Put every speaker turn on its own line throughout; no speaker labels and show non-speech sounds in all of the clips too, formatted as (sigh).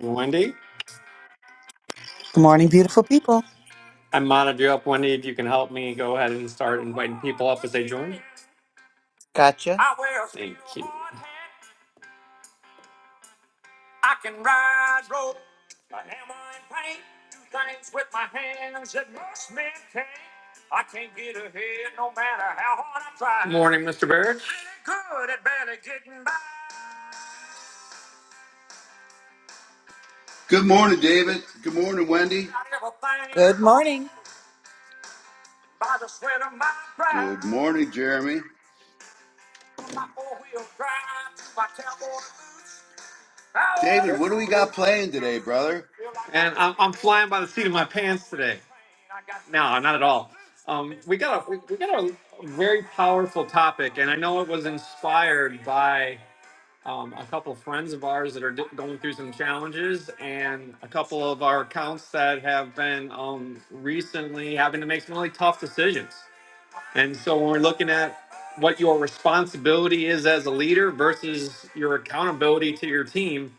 Wendy,
Good morning, beautiful people.
I modded you up. Wendy, if you can help me, go ahead and start inviting people up as they join.
Gotcha.
I wear a Thank you. skateboard hat, a hammer and paint, do things with my hands that most men can't. I can't get ahead no matter how hard I try. Good morning, Mr. Barrett.
Good morning, David. Good morning, Wendy.
Good morning.
Good morning, Jeremy. David, what do we got playing today, brother?
Feel like And I'm, I'm flying by the seat of my pants today. I got- No, not at all. Um, we got a we, we got a very powerful topic, and I know it was inspired by um, a couple friends of ours that are d- going through some challenges, and a couple of our accounts that have been um, recently having to make some really tough decisions. And so when we're looking at what your responsibility is as a leader versus your accountability to your team,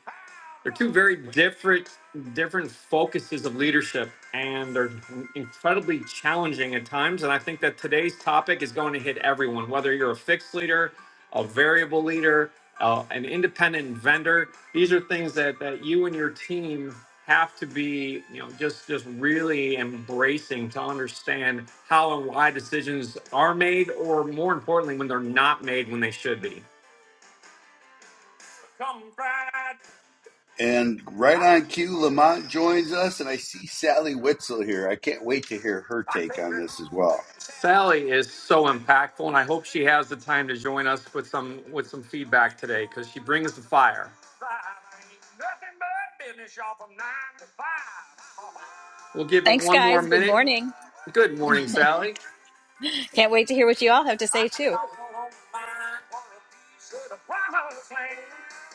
they're two very different different focuses of leadership, and they're incredibly challenging at times. And I think that today's topic is going to hit everyone, whether you're a fixed leader, a variable leader, uh, an independent vendor. These are things that that you and your team have to be, you know, just just really embracing to understand how and why decisions are made, or more importantly, when they're not made when they should be.
And right on cue, Lamont joins us, and I see Sally Witzel here. I can't wait to hear her take on this as well.
Sally is so impactful, and I hope she has the time to join us with some with some feedback today because she brings the fire. We'll give it
Thanks,
one more
guys. Good
minute.
morning.
Good morning, Sally.
Can't wait to hear what you all have to say, too.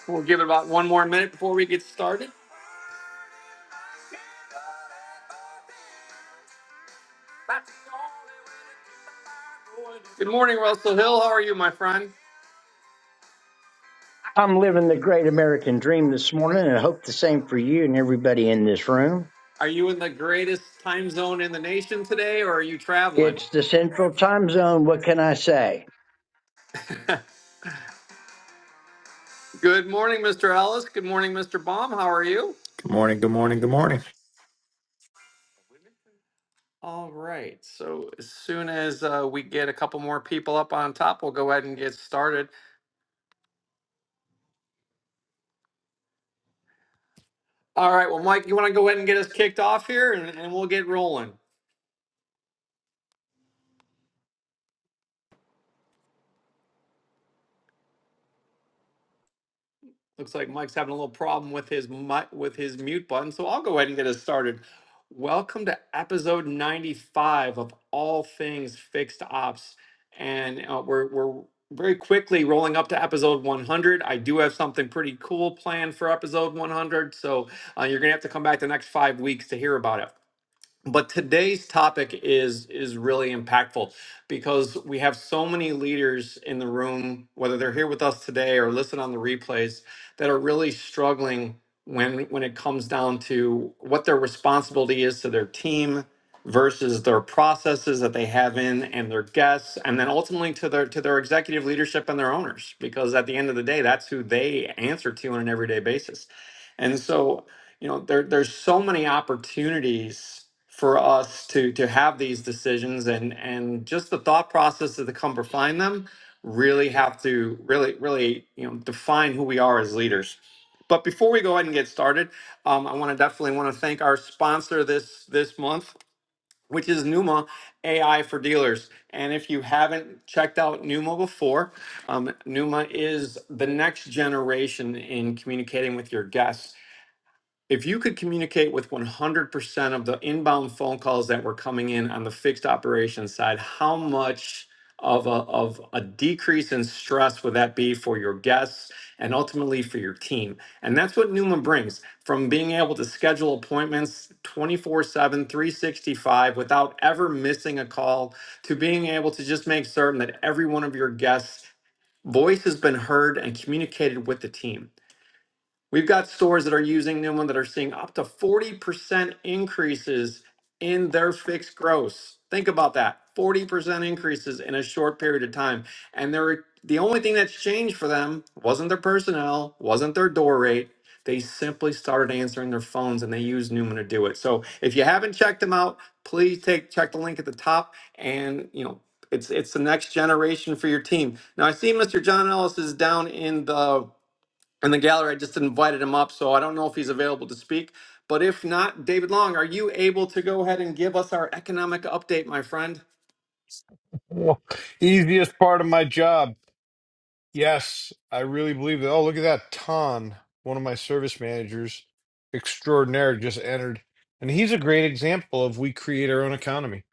We'll give it about one more minute before we get started. Good morning, Russell Hill. How are you, my friend?
I'm living the great American dream this morning and I hope the same for you and everybody in this room.
Are you in the greatest time zone in the nation today, or are you traveling?
It's the central time zone. What can I say?
(laughs) Good morning, Mr. Ellis. Good morning, Mr. Baum. How are you?
Good morning, good morning, good morning.
All right. So as soon as uh, we get a couple more people up on top, we'll go ahead and get started. All right. Well, Mike, you want to go ahead and get us kicked off here and, and we'll get rolling. Looks like Mike's having a little problem with his mi- with his mute button, so I'll go ahead and get us started. Welcome to episode 95 of All Things Fixed Ops, and uh, we're we're very quickly rolling up to episode 100. I do have something pretty cool planned for episode 100, so uh, you're gonna have to come back the next five weeks to hear about it but today's topic is is really impactful because we have so many leaders in the room whether they're here with us today or listen on the replays that are really struggling when when it comes down to what their responsibility is to their team versus their processes that they have in and their guests and then ultimately to their to their executive leadership and their owners because at the end of the day that's who they answer to on an everyday basis and so you know there there's so many opportunities for us to to have these decisions and and just the thought processes that come behind them really have to really really you know define who we are as leaders but before we go ahead and get started um, i want to definitely want to thank our sponsor this this month which is numa ai for dealers and if you haven't checked out numa before um, numa is the next generation in communicating with your guests if you could communicate with 100% of the inbound phone calls that were coming in on the fixed operations side, how much of a, of a decrease in stress would that be for your guests and ultimately for your team? And that's what Numa brings from being able to schedule appointments 24 7, 365 without ever missing a call to being able to just make certain that every one of your guests' voice has been heard and communicated with the team. We've got stores that are using Newman that are seeing up to 40% increases in their fixed gross. Think about that 40% increases in a short period of time. And they're, the only thing that's changed for them wasn't their personnel, wasn't their door rate. They simply started answering their phones and they use Newman to do it. So if you haven't checked them out, please take check the link at the top and you know it's it's the next generation for your team. Now I see Mr. John Ellis is down in the and the gallery I just invited him up, so I don't know if he's available to speak. But if not, David Long, are you able to go ahead and give us our economic update, my friend?
Well, easiest part of my job. Yes, I really believe that. Oh, look at that. Ton, one of my service managers extraordinaire, just entered. And he's a great example of we create our own economy.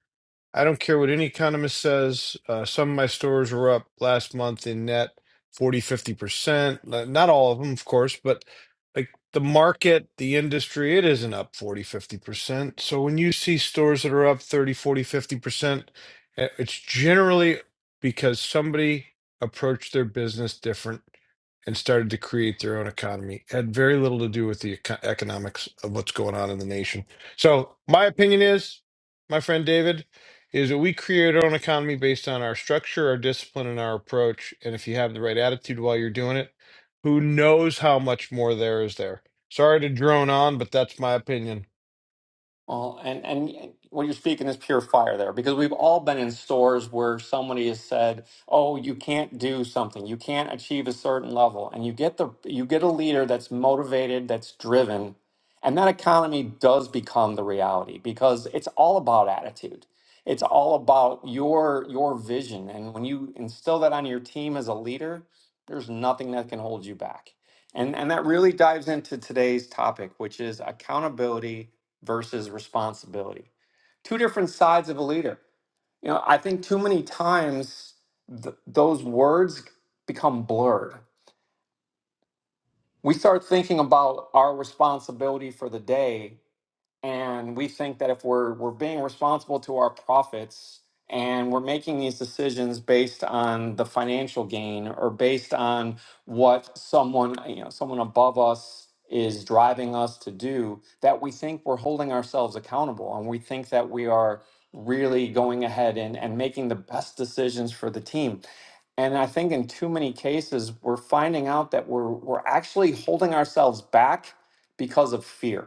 I don't care what any economist says. Uh, some of my stores were up last month in net forty, fifty percent Not all of them, of course, but like the market, the industry, it isn't up forty, fifty percent So when you see stores that are up thirty, forty, fifty percent uh, it's generally because somebody approached their business different and started to create their own economy. It had very little to do with the eco- economics of what's going on in the nation. So my opinion is, my friend David is that we create our own economy based on our structure, our discipline, and our approach. And if you have the right attitude while you're doing it, who knows how much more there is there? Sorry to drone on, but that's my opinion.
Well, and and what you're speaking is pure fire there, because we've all been in stores where somebody has said, "Oh, you can't do something, you can't achieve a certain level," and you get the you get a leader that's motivated, that's driven, and that economy does become the reality because it's all about attitude. It's all about your your vision, and when you instill that on your team as a leader, there's nothing that can hold you back. And and that really dives into today's topic, which is accountability versus responsibility. Two different sides of a leader. You know, I think too many times th- those words become blurred. We start thinking about our responsibility for the day and we think that if we're we're being responsible to our profits and we're making these decisions based on the financial gain or based on what someone you know someone above us is driving us to do that we think we're holding ourselves accountable and we think that we are really going ahead and, and making the best decisions for the team and i think in too many cases we're finding out that we're we're actually holding ourselves back because of fear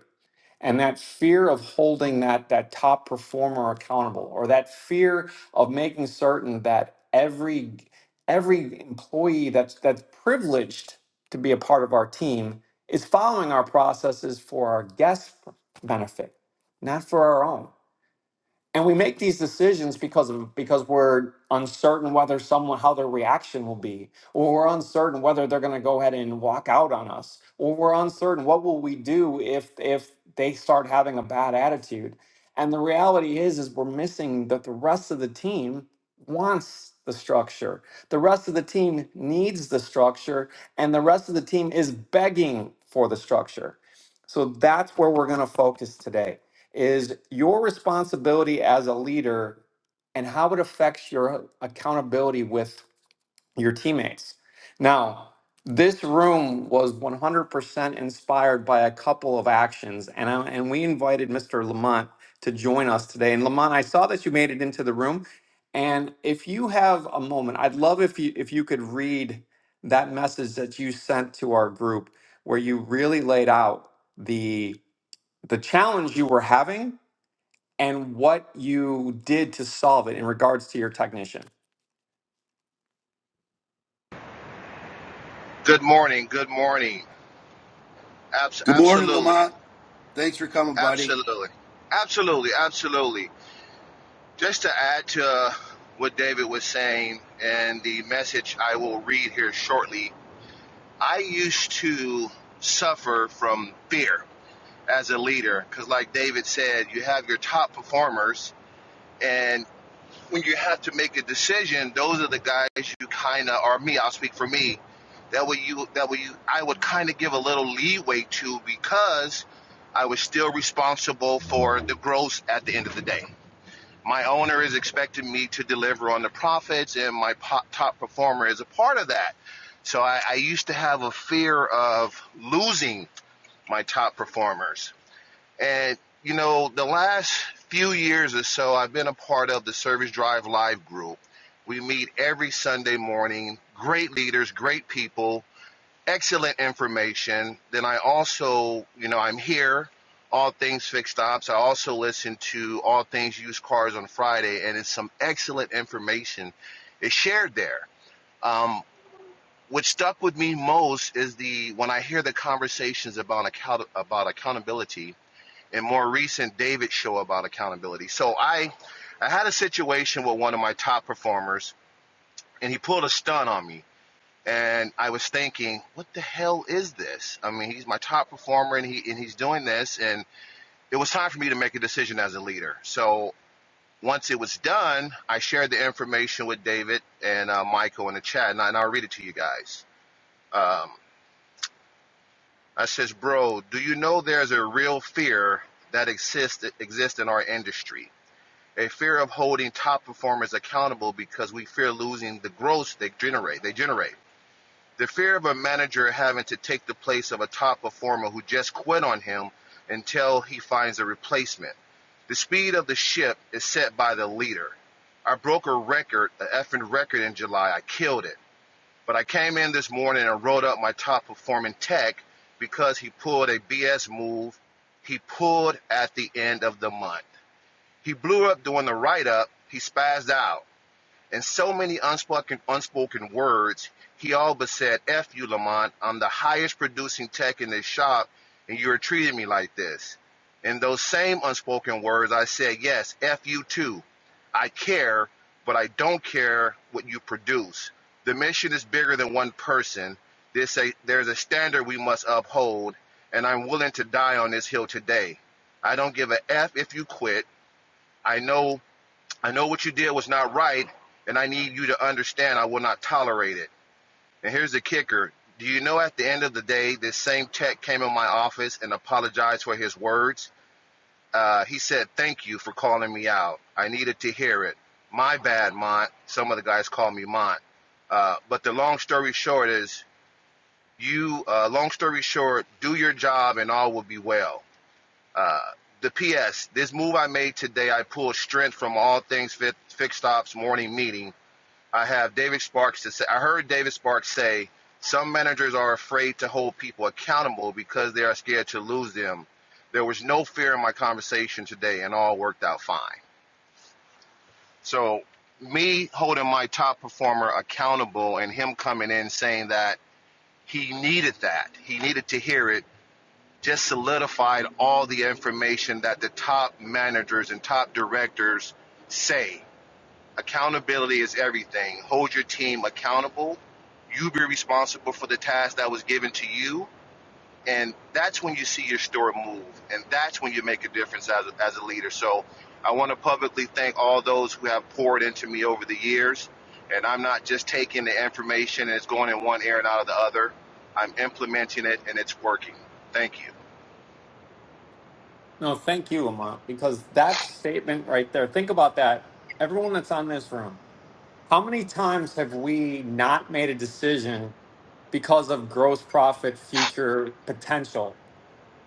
and that fear of holding that that top performer accountable or that fear of making certain that every every employee that's that's privileged to be a part of our team is following our processes for our guests benefit not for our own and we make these decisions because of because we're uncertain whether someone how their reaction will be or we're uncertain whether they're going to go ahead and walk out on us or we're uncertain what will we do if if they start having a bad attitude and the reality is is we're missing that the rest of the team wants the structure the rest of the team needs the structure and the rest of the team is begging for the structure so that's where we're going to focus today is your responsibility as a leader and how it affects your accountability with your teammates. Now, this room was 100% inspired by a couple of actions, and, I, and we invited Mr. Lamont to join us today. And Lamont, I saw that you made it into the room, and if you have a moment, I'd love if you if you could read that message that you sent to our group, where you really laid out the the challenge you were having and what you did to solve it in regards to your technician.
Good morning. Good morning. Abs-
Good morning,
absolutely.
Lamont. Thanks for coming, buddy.
Absolutely. Absolutely. Absolutely. Just to add to what David was saying and the message I will read here shortly, I used to suffer from fear as a leader because, like David said, you have your top performers. and. when you have to make a decision, those are the guys you kind of, or me, I'll speak for me. That way you, that way you, I would kind of give a little leeway to because I was still responsible for the gross at the end of the day. My owner is expecting me to deliver on the profits, and my po- top performer is a part of that. So I, I used to have a fear of losing my top performers and, you know, the last few years or so, I've been a part of the Service Drive Live group. We meet every Sunday morning, great leaders, great people, excellent information. Then I also, you know, I'm here, All Things Fixed Ops. I also listen to All Things Used Cars on Friday, and it's some excellent information is shared there. Um, what stuck with me most is the when I hear the conversations about account about accountability and more recent David's show about accountability. So I I had a situation with one of my top performers and he pulled a stunt on me. And I was thinking, what the hell is this? I mean, he's my top performer and he and he's doing this and it was time for me to make a decision as a leader. So once it was done, I shared the information with David and uh, Michael in the chat, and, I, and I'll read it to you guys. Um, I says, "Bro, do you know there's a real fear that exists exists in our industry? a fear of holding top performers accountable because we fear losing the growth they generate they generate the fear of a manager having to take the place of a top performer who just quit on him until he finds a replacement the speed of the ship is set by the leader i broke a record an effing record in july i killed it but i came in this morning and wrote up my top performing tech because he pulled a bs move he pulled at the end of the month he blew up during the write up. He spazzed out. In so many unspoken, unspoken words, he all but said, F you, Lamont. I'm the highest producing tech in this shop, and you're treating me like this. In those same unspoken words, I said, Yes, F you too. I care, but I don't care what you produce. The mission is bigger than one person. There's a, there's a standard we must uphold, and I'm willing to die on this hill today. I don't give a F if you quit. I know I know what you did was not right, and I need you to understand I will not tolerate it. And here's the kicker. Do you know at the end of the day, this same tech came in my office and apologized for his words? Uh, he said, Thank you for calling me out. I needed to hear it. My bad, Mont. Some of the guys call me Mont. Uh, but the long story short is, you, uh, long story short, do your job and all will be well. Uh, the PS, this move I made today, I pulled strength from all things fit, fixed ops morning meeting I have David Sparks to say. I heard David Sparks say some managers are afraid to hold people accountable because they are scared to lose them. There was no fear in my conversation today, and all worked out fine. So, me holding my top performer accountable and him coming in saying that he needed that, he needed to hear it, just solidified all the information that the top managers and top directors say Accountability is everything. Hold your team accountable. You be responsible for the task that was given to you. And that's when you see your store move. And that's when you make a difference as a, as a leader. So I want to publicly thank all those who have poured into me over the years. And I'm not just taking the information and it's going in one ear and out of the other. I'm implementing it and it's working. Thank you.
No, thank you, Lamont, because that statement right there, think about that. Everyone that's on this room, how many times have we not made a decision because of gross profit future potential?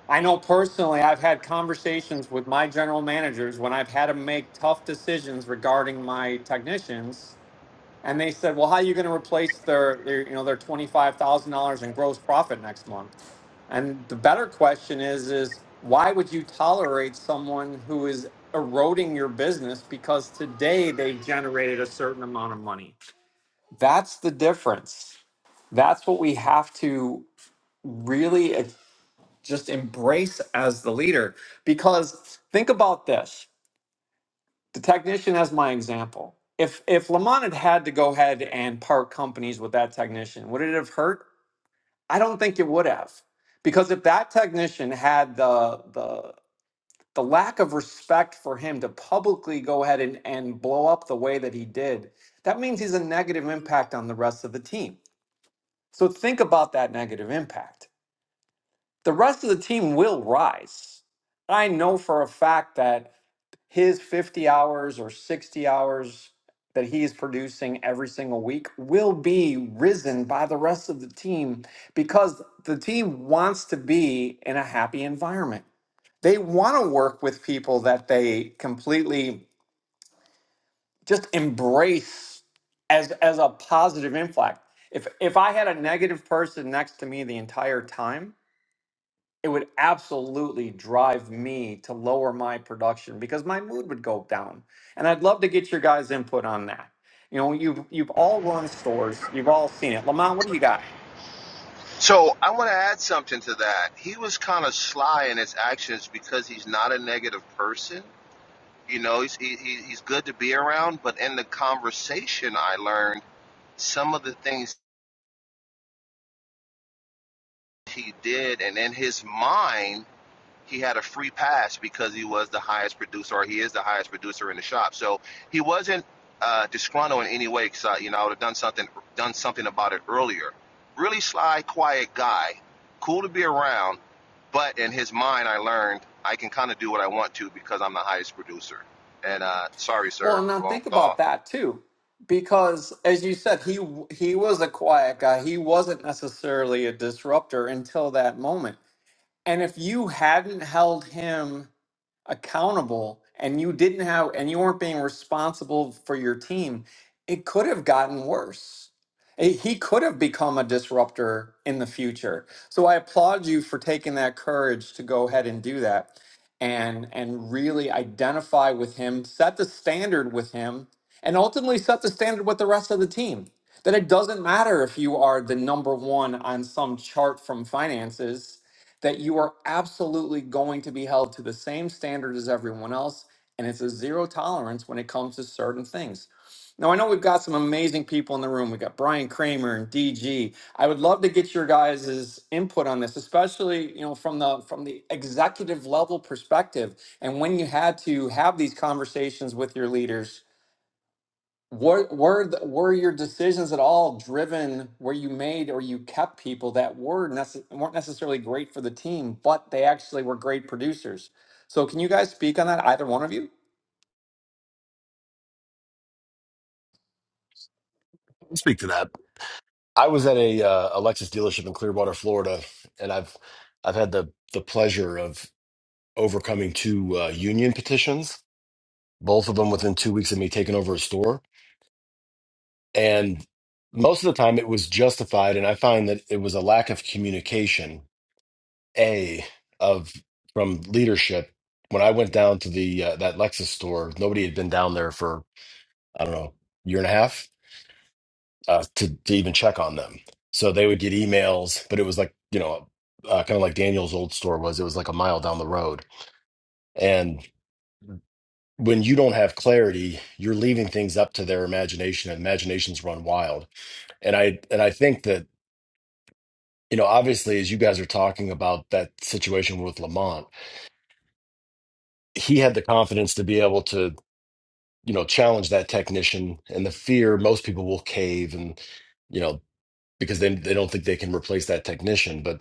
I know personally, I've had conversations with my general managers when I've had to make tough decisions regarding my technicians. And they said, well, how are you going to replace their, their you know, their $25,000 in gross profit next month? And the better question is is why would you tolerate someone who is eroding your business because today they've generated a certain amount of money? That's the difference. That's what we have to really eh, just embrace as the leader because think about this. The technician as my example. If if Lamont had had to go ahead and part companies with that technician, would it have hurt? I don't think it would have because if that technician had the the the lack of respect for him to publicly go ahead and, and blow up the way that he did, that means he's a negative impact on the rest of the team. So think about that negative impact. The rest of the team will rise. I know for a fact that his 50 hours or 60 hours that he is producing every single week will be risen by the rest of the team because the team wants to be in a happy environment they want to work with people that they completely just embrace as as a positive influx. If if I had a negative person next to me the entire time, it would absolutely drive me to lower my production because my mood would go down. And I'd love to get your guys' input on that. You know, you've you've all run stores, you've all seen it. Lamont, what do you got?
So I want to add something to that. He was kind of sly in his actions because he's not a negative person You know, he's, he, he's good to be around, but in the conversation, I learned some of the things he did, and in his mind, he had a free pass because he was the highest producer, or he is the highest producer in the shop. So he wasn't uh, disgruntled in any way. Cause I, you know, I would have done something, done something about it earlier. Really sly, quiet guy, cool to be around, but in his mind, I learned I can kind of do what I want to because I'm the highest producer. And uh, sorry,
Well,
sir,
and now
wrong
think about
thought.
that too, because as you said, he he was a quiet guy. He wasn't necessarily a disruptor until that moment. And if you hadn't held him accountable and you didn't have and you weren't being responsible for your team, it could have gotten worse. It- he could have become a disruptor in the future. So I applaud you for taking that courage to go ahead and do that and and really identify with him, set the standard with him, and ultimately set the standard with the rest of the team. That it doesn't matter if you are the number one on some chart from finances that you are absolutely going to be held to the same standard as everyone else. And it's a zero tolerance when it comes to certain things. Now, I know we've got some amazing people in the room. We've got Brian Kramer and DG. I would love to get your guys' input on this, especially you know from the from the executive level perspective, and when you had to have these conversations with your leaders were were the, were your decisions at all driven where you made or you kept people that were nece- weren't necessarily great for the team, but they actually were great producers? So can you guys speak on that, either one of you?
I'll speak to that. I was at a, uh, a Lexus dealership in Clearwater, Florida, and I've I've had the the pleasure of overcoming two uh, union petitions, both of them within two weeks of me taking over a store. And most of the time, it was justified, and I find that it was a lack of communication, a of from leadership. When I went down to the uh, that Lexus store, nobody had been down there for I don't know year and a half uh, to, to even check on them. So they would get emails, but it was like, you know, uh, kind of like Daniel's old store was, it was like a mile down the road. And when you don't have clarity, you're leaving things up to their imagination and imaginations run wild. And I, and I think that, you know, obviously, as you guys are talking about that situation with Lamont, he had the confidence to be able to, you know, challenge that technician and the fear most people will cave and, you know, because they, they don't think they can replace that technician. But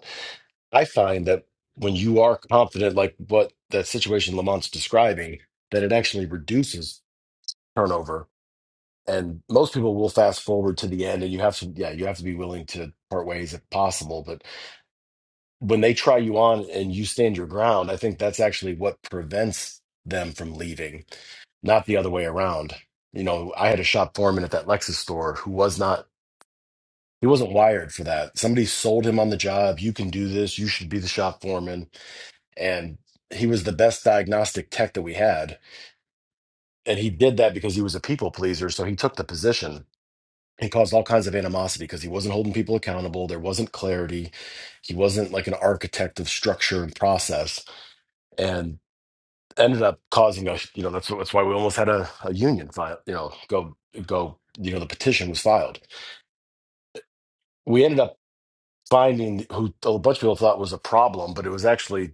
I find that when you are confident, like what that situation Lamont's describing, that it actually reduces turnover. And most people will fast forward to the end, and you have to, yeah, you have to be willing to part ways if possible. But when they try you on and you stand your ground, I think that's actually what prevents them from leaving, not the other way around. You know, I had a shop foreman at that Lexus store who was not, he wasn't wired for that. Somebody sold him on the job. You can do this. You should be the shop foreman and he was the best diagnostic tech that we had and he did that because he was a people pleaser so he took the position he caused all kinds of animosity because he wasn't holding people accountable there wasn't clarity he wasn't like an architect of structure and process and ended up causing a you know that's, that's why we almost had a, a union file you know go go you know the petition was filed we ended up finding who a bunch of people thought was a problem but it was actually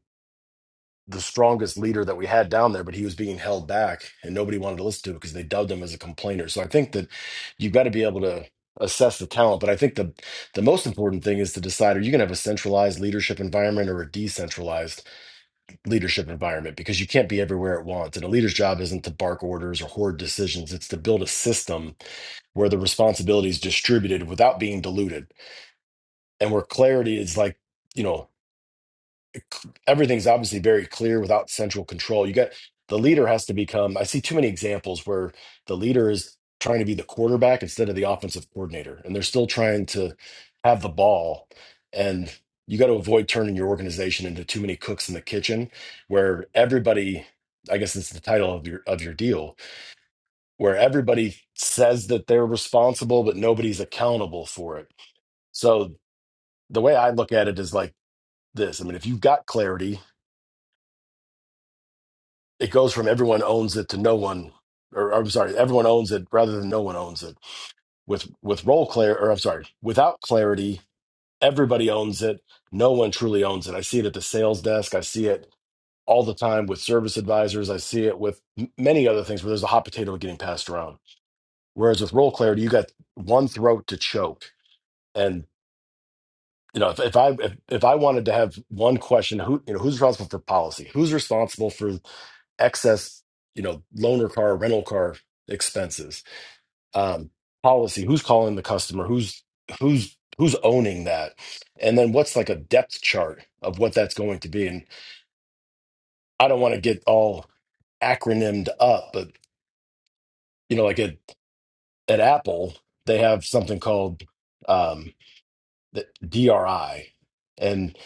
the strongest leader that we had down there, but he was being held back and nobody wanted to listen to it because they dubbed him as a complainer. So I think that you've got to be able to assess the talent. But I think the the most important thing is to decide are you going to have a centralized leadership environment or a decentralized leadership environment? Because you can't be everywhere at once. And a leader's job isn't to bark orders or hoard decisions. It's to build a system where the responsibility is distributed without being diluted and where clarity is like, you know, everything's obviously very clear without central control. You got the leader has to become. I see too many examples where the leader is trying to be the quarterback instead of the offensive coordinator, and they're still trying to have the ball. And you got to avoid turning your organization into too many cooks in the kitchen, where everybody. I guess it's the title of your of your deal, where everybody says that they're responsible, but nobody's accountable for it. So the way I look at it is like this. I mean, if you've got clarity it goes from everyone owns it to no one or, I'm sorry, everyone owns it rather than no one owns it. With with role clear or I'm sorry, without clarity, everybody owns it. No one truly owns it. I see it at the sales desk. I see it all the time with service advisors. I see it with m- many other things where there's a hot potato getting passed around. Whereas with role clarity, you got one throat to choke. And you know, if, if I if, if I wanted to have one question, who you know, who's responsible for policy? Who's responsible for excess, you know, loaner car, rental car expenses, um, policy. Who's calling the customer? Who's who's who's owning that? And then what's like a depth chart of what that's going to be? And I don't want to get all acronymed up, but you know, like at at Apple, they have something called um, the DRI, and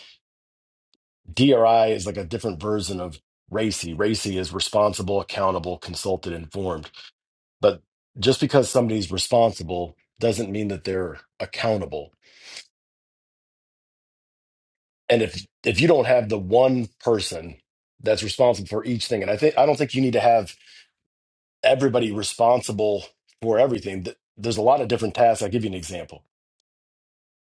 DRI is like a different version of RACI. RACI is responsible, accountable, consulted, informed But just because somebody's responsible doesn't mean that they're accountable. And if if you don't have the one person that's responsible for each thing, and I think I don't think you need to have everybody responsible for everything. Th- There's a lot of different tasks. I'll give you an example.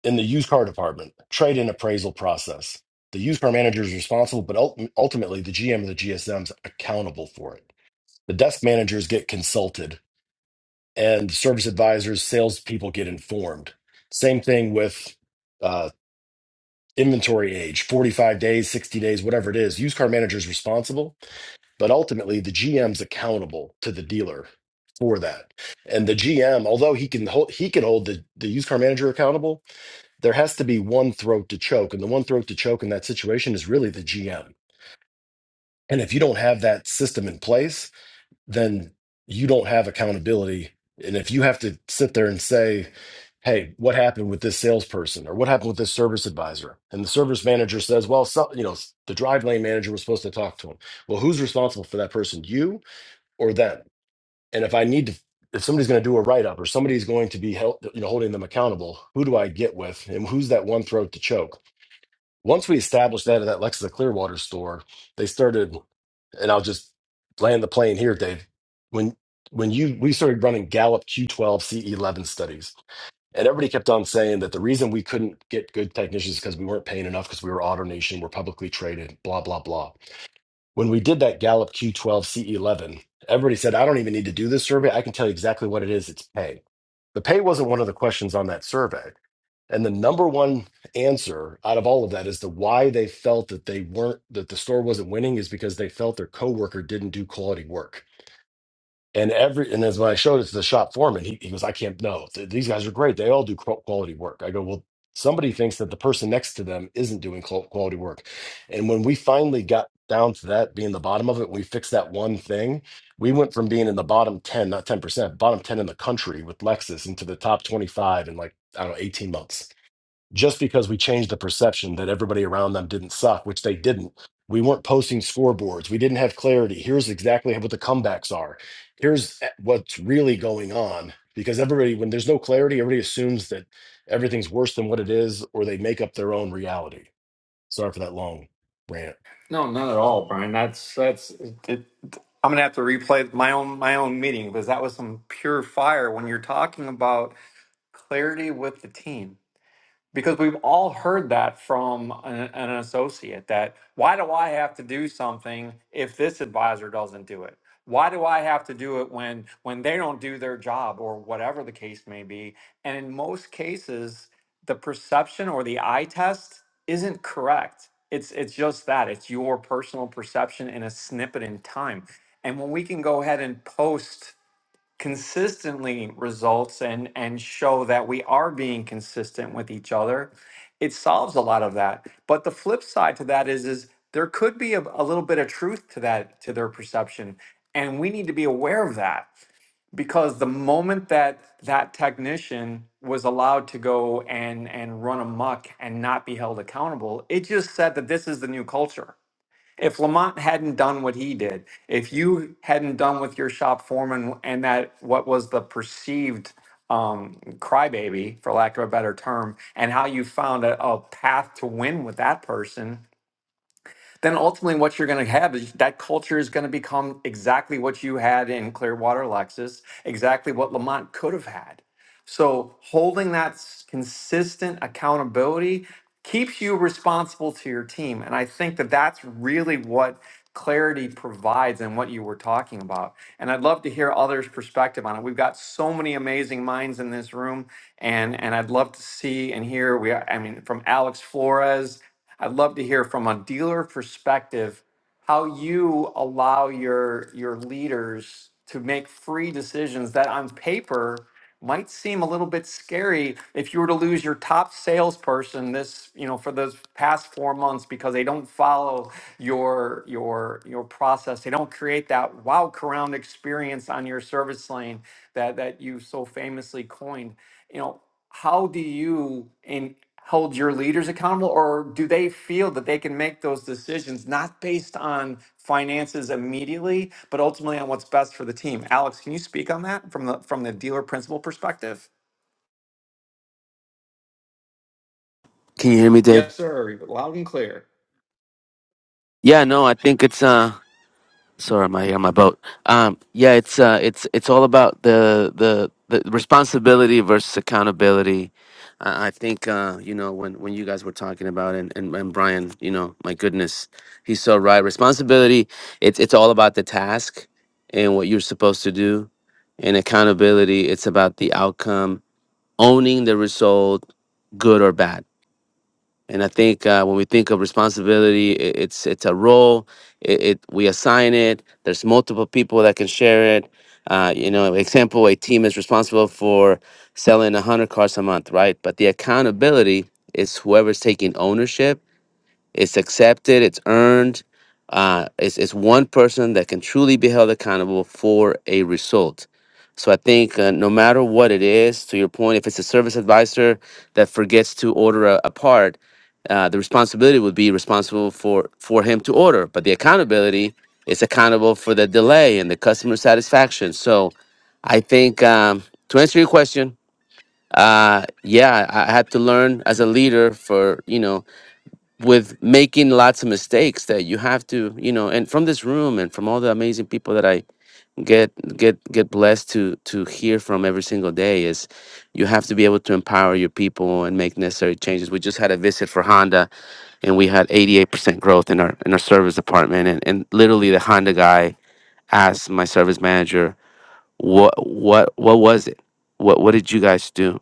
In the used car department, trade in appraisal process. The used car manager is responsible, but ult- ultimately the GM and the GSM is accountable for it. The desk managers get consulted and service advisors, salespeople get informed. Same thing with uh, inventory age 45 days, 60 days, whatever it is. Used car manager is responsible, but ultimately the GM's accountable to the dealer for that. And the GM, although he can hold, he can hold the, the used car manager accountable, there has to be one throat to choke. And the one throat to choke in that situation is really the GM. And if you don't have that system in place, then you don't have accountability. And if you have to sit there and say, hey, what happened with this salesperson or what happened with this service advisor? And the service manager says, well, so, you know, the drive lane manager was supposed to talk to him. Well, who's responsible for that person, you or them? And if I need to, if somebody's going to do a write up or somebody's going to be held, you know, holding them accountable, who do I get with and who's that one throat to choke? Once we established that at that Lexus Clearwater store, they started and I'll just land the plane here, Dave. When when you we started running Gallup Q12 C 11 studies, and everybody kept on saying that the reason we couldn't get good technicians is because we weren't paying enough because we were auto nation, we're publicly traded, blah blah blah. When we did that Gallup Q12 C 11 everybody said, "I don't even need to do this survey. I can tell you exactly what it is. It's pay." The pay wasn't one of the questions on that survey and the number one answer out of all of that is the why they felt that they weren't that the store wasn't winning is because they felt their coworker didn't do quality work. And every and as when I showed it to the shop foreman, he, he goes, "I can't. No, th- these guys are great. They all do qu- quality work." I go, "Well, somebody thinks that the person next to them isn't doing qual- quality work." And when we finally got down to that being the bottom of it, we fixed that one thing. We went from being in the bottom ten, not ten percent, bottom ten in the country with Lexus into the top twenty-five in like I don't know, eighteen months just because we changed the perception that everybody around them didn't suck, which they didn't. We weren't posting scoreboards. We didn't have clarity. Here's exactly what the comebacks are. Here's eh, what's really going on. Because everybody, when there's no clarity, everybody assumes that everything's worse than what it is, or they make up their own reality. Sorry for that long rant.
No, not at all, Brian. That's that's It, it, I'm gonna have to replay my own my own meeting because that was some pure fire when you're talking about clarity with the team. because we've all heard that from an, an associate that why do i have to do something if this advisor doesn't do it why do i have to do it when when they don't do their job or whatever the case may be and in most cases the perception or the eye test isn't correct it's it's just that it's your personal perception in a snippet in time and when we can go ahead and post consistently results and and show that we are being consistent with each other it solves a lot of that but the flip side to that is is there could be a, a little bit of truth to that to their perception and we need to be aware of that because the moment that that technician was allowed to go and and run amok and not be held accountable it just said that this is the new culture if Lamont hadn't done what he did, if you hadn't done with your shop foreman and that what was the perceived um, crybaby, for lack of a better term, and how you found a, a path to win with that person, then ultimately what you're going to have is that culture is going to become exactly what you had in Clearwater, Lexus, exactly what Lamont could have had. So holding that s- consistent accountability keeps you responsible to your team. And I think that that's really what clarity provides and what you were talking about. And I'd love to hear others' perspective on it. We've got so many amazing minds in this room and and I'd love to see and hear we I mean from Alex Flores, I'd love to hear from a dealer perspective how you allow your your leaders to make free decisions that on paper might seem a little bit scary if you were to lose your top salesperson this you know for those past four months because they don't follow your your your process they don't create that wow around experience on your service lane that that you so famously coined you know how do you in, hold your leaders accountable or do they feel that they can make those decisions not based on finances immediately but ultimately on what's best for the team alex can you speak on that from the from the dealer principal perspective
Can you hear me, Dave?
Yes, sir. Loud and clear.
Yeah, no, I think it's uh sorry, I'm out here on my boat. Um yeah, it's uh it's it's all about the the the responsibility versus accountability. I I think uh, you know when, when you guys were talking about and, and, and Brian, you know, my goodness, he's so right. Responsibility, it's it's all about the task and what you're supposed to do, and accountability, it's about the outcome, owning the result, good or bad And I think uh, when we think of responsibility, i it's it's a role. It, it we assign it. There's multiple people that can share it. Uh, you know, example, a team is responsible for selling 100 cars a month, right? But the accountability is whoever's taking ownership it's accepted. It's earned. Uh, it's it's one person that can truly be held accountable for a result. So I think uh, no matter what it is, to your point, if it's a service advisor that forgets to order a, a part, uh, the responsibility would be responsible for for him to order, but the accountability is accountable for the delay and the customer satisfaction. So I think um, to answer your question, uh, yeah, I I had to learn as a leader for you know with making lots of mistakes that you have to you know and from this room and from all the amazing people that i get get get blessed to to hear from every single day is you have to be able to empower your people and make necessary changes we just had a visit for honda and we had 88% growth in our in our service department and, and literally the honda guy asked my service manager what what what was it what what did you guys do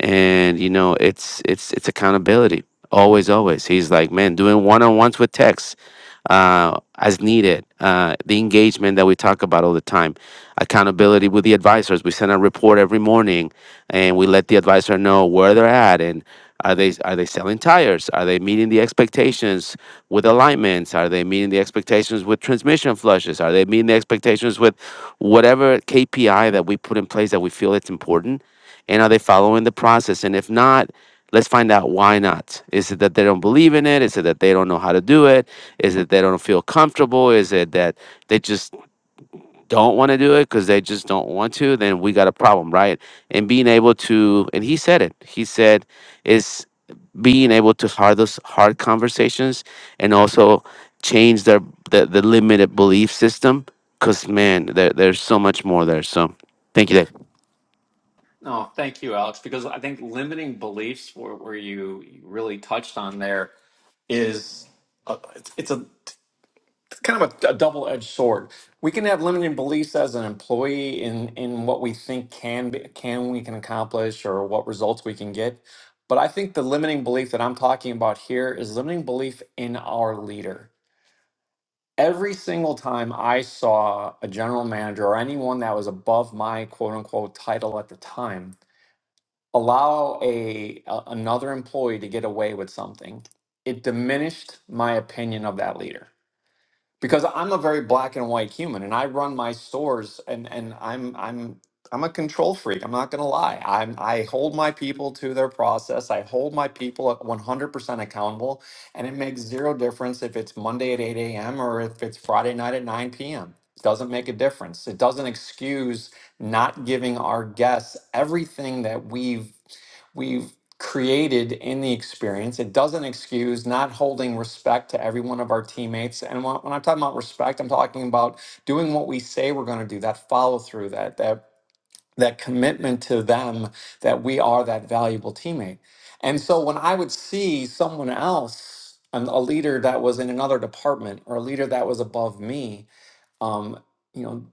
and you know it's it's it's accountability always always he's like man doing one-on-ones with texts uh, as needed uh, the engagement that we talk about all the time accountability with the advisors we send a report every morning and we let the advisor know where they're at and are they are they selling tires are they meeting the expectations with alignments are they meeting the expectations with transmission flushes are they meeting the expectations with whatever kpi that we put in place that we feel it's important and are they following the process and if not let's find out why not is it that they don't believe in it is it that they don't know how to do it is it they don't feel comfortable is it that they just don't want to do it because they just don't want to then we got a problem right and being able to and he said it he said is being able to have those hard conversations and also change their the, the limited belief system because man there, there's so much more there so thank you Dave.
No, thank you, Alex, because I think limiting beliefs where, where you you really touched on there is uh, it's, it's a it's kind of a, a double-edged sword. We can have limiting beliefs as an employee in in what we think can be, can we can accomplish or what results we can get. But I think the limiting belief that I'm talking about here is limiting belief in our leader. Every single time I saw a general manager or anyone that was above my quote unquote title at the time allow a, a another employee to get away with something, it diminished my opinion of that leader because I'm a very black and white human and I run my stores and and I'm I'm I'm a control freak. I'm not going to lie. I'm I hold my people to their process. I hold my people at 100% accountable and it makes zero difference if it's Monday at 8 a.m. or if it's Friday night at 9 p.m. It doesn't make a difference. It doesn't excuse not giving our guests everything that we've we've created in the experience. It doesn't excuse not holding respect to every one of our teammates. And when, when I'm talking about respect, I'm talking about doing what we say we're going to do, that follow through, that that that commitment to them that we are that valuable teammate. And so when I would see someone else, an- a leader that was in another department or a leader that was above me, um, you know,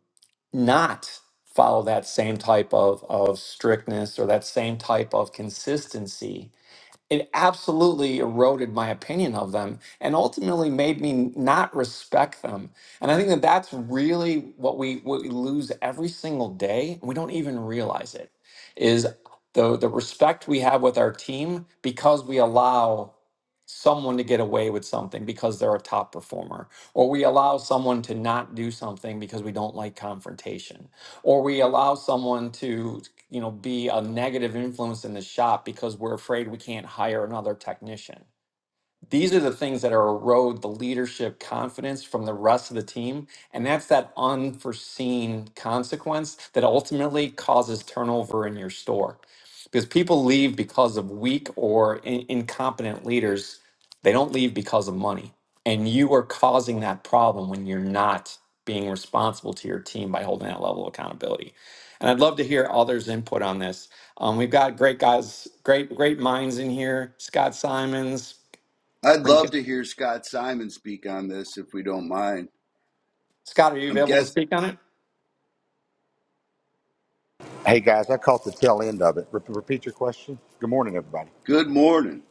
not follow that same type of, of strictness or that same type of consistency, it absolutely eroded my opinion of them and ultimately made me not respect them. And I think that that's really what we, what we lose every single day. We don't even realize it is the, the respect we have with our team because we allow someone to get away with something because they're a top performer, or we allow someone to not do something because we don't like confrontation, or we allow someone to you know be a negative influence in the shop because we're afraid we can't hire another technician these are the things that are erode the leadership confidence from the rest of the team. And that's that unforeseen consequence that ultimately causes turnover in your store. Because people leave because of weak or in- incompetent leaders, they don't leave because of money. And you are causing that problem when you're not being responsible to your team by holding that level of accountability. And I'd love to hear others' input on this. Um, we've got great guys, great, great minds in here. Scott Simons,
I'd love to hear Scott Simon speak on this if we don't mind.
Scott, are you
I'm
available to
guess
speak on it?
Hey guys, I caught the tail end of it. Re- repeat your question. Good morning, everybody.
good morning.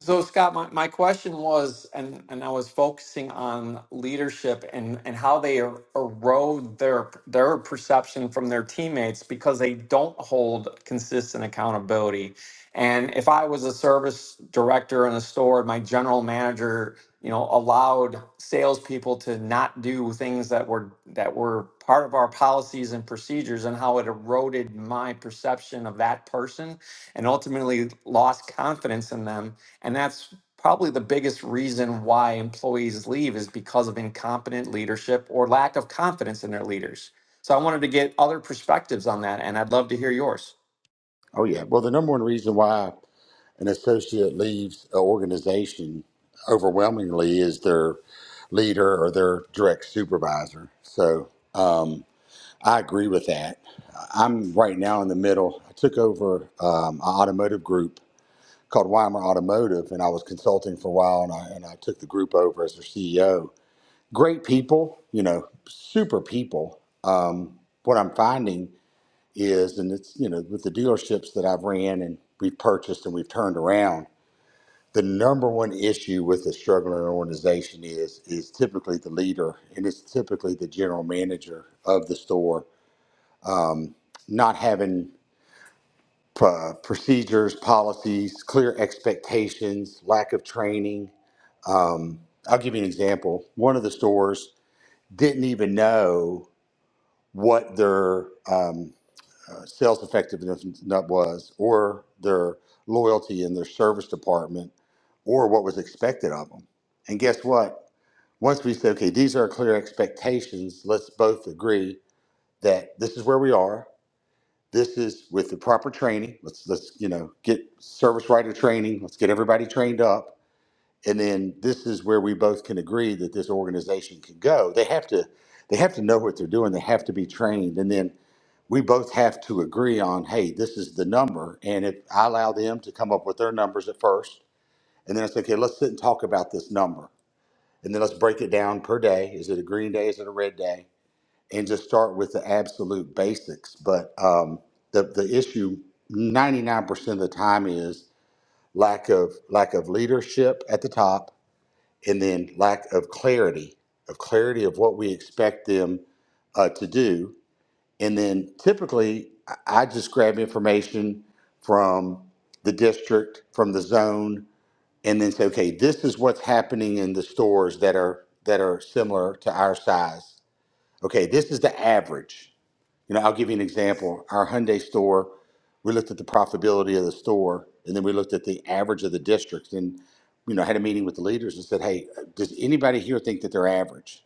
So, Scott, my, my question was, and, and I was focusing on leadership and, and how they er- erode their their perception from their teammates because they don't hold consistent accountability. And if I was a service director in a store, my general manager, you know, allowed salespeople to not do things that were that were part of our policies and procedures and how it eroded my perception of that person and ultimately lost confidence in them. And that's probably the biggest reason why employees leave is because of incompetent leadership or lack of confidence in their leaders. So I wanted to get other perspectives on that, and I'd love to hear yours.
Oh yeah. Well, the number one reason why an associate leaves an organization overwhelmingly is their leader or their direct supervisor. So um, I agree with that. I'm right now in the middle. I took over um, an automotive group called Weimer Automotive, and I was consulting for a while, and I, and I took the group over as their CEO. great people, you know, super people. Um, what I'm finding is, and it's, you know, with the dealerships that I've ran and we've purchased and we've turned around, the number one issue with a struggling organization is, is typically the leader and it's typically the general manager of the store not having uh, procedures, policies, clear expectations, lack of training. Um, I'll give you an example. One of the stores didn't even know. what their um, uh, sales effectiveness nut was, or their loyalty in their service department, or what was expected of them. And guess what? Once we said, okay, these are our clear expectations, let's both agree that this is where we are. This is with the proper training. Let's let's you know get service writer training. Let's get everybody trained up, and then this is where we both can agree that this organization can go. They have to they have to know what they're doing. They have to be trained, and then we both have to agree on, hey, this is the number. And if I allow them to come up with their numbers at first, and then I say, okay, let's sit and talk about this number. And then let's break it down per day. Is it a green day? Is it a red day? And just start with the absolute basics. But um, the, the issue 99% of the time is lack of lack of leadership at the top and then lack of clarity of clarity of what we expect them uh, to do and then typically, I I just grab information from the district, from the zone, and then say, okay, this is what's happening in the stores that are that are similar to our size. Okay, this is the average. You know, I'll give you an example. Our Hyundai store, we looked at the profitability of the store, and then we looked at the average of the districts, and you know, had a meeting with the leaders and said, hey, does anybody here think that they're average?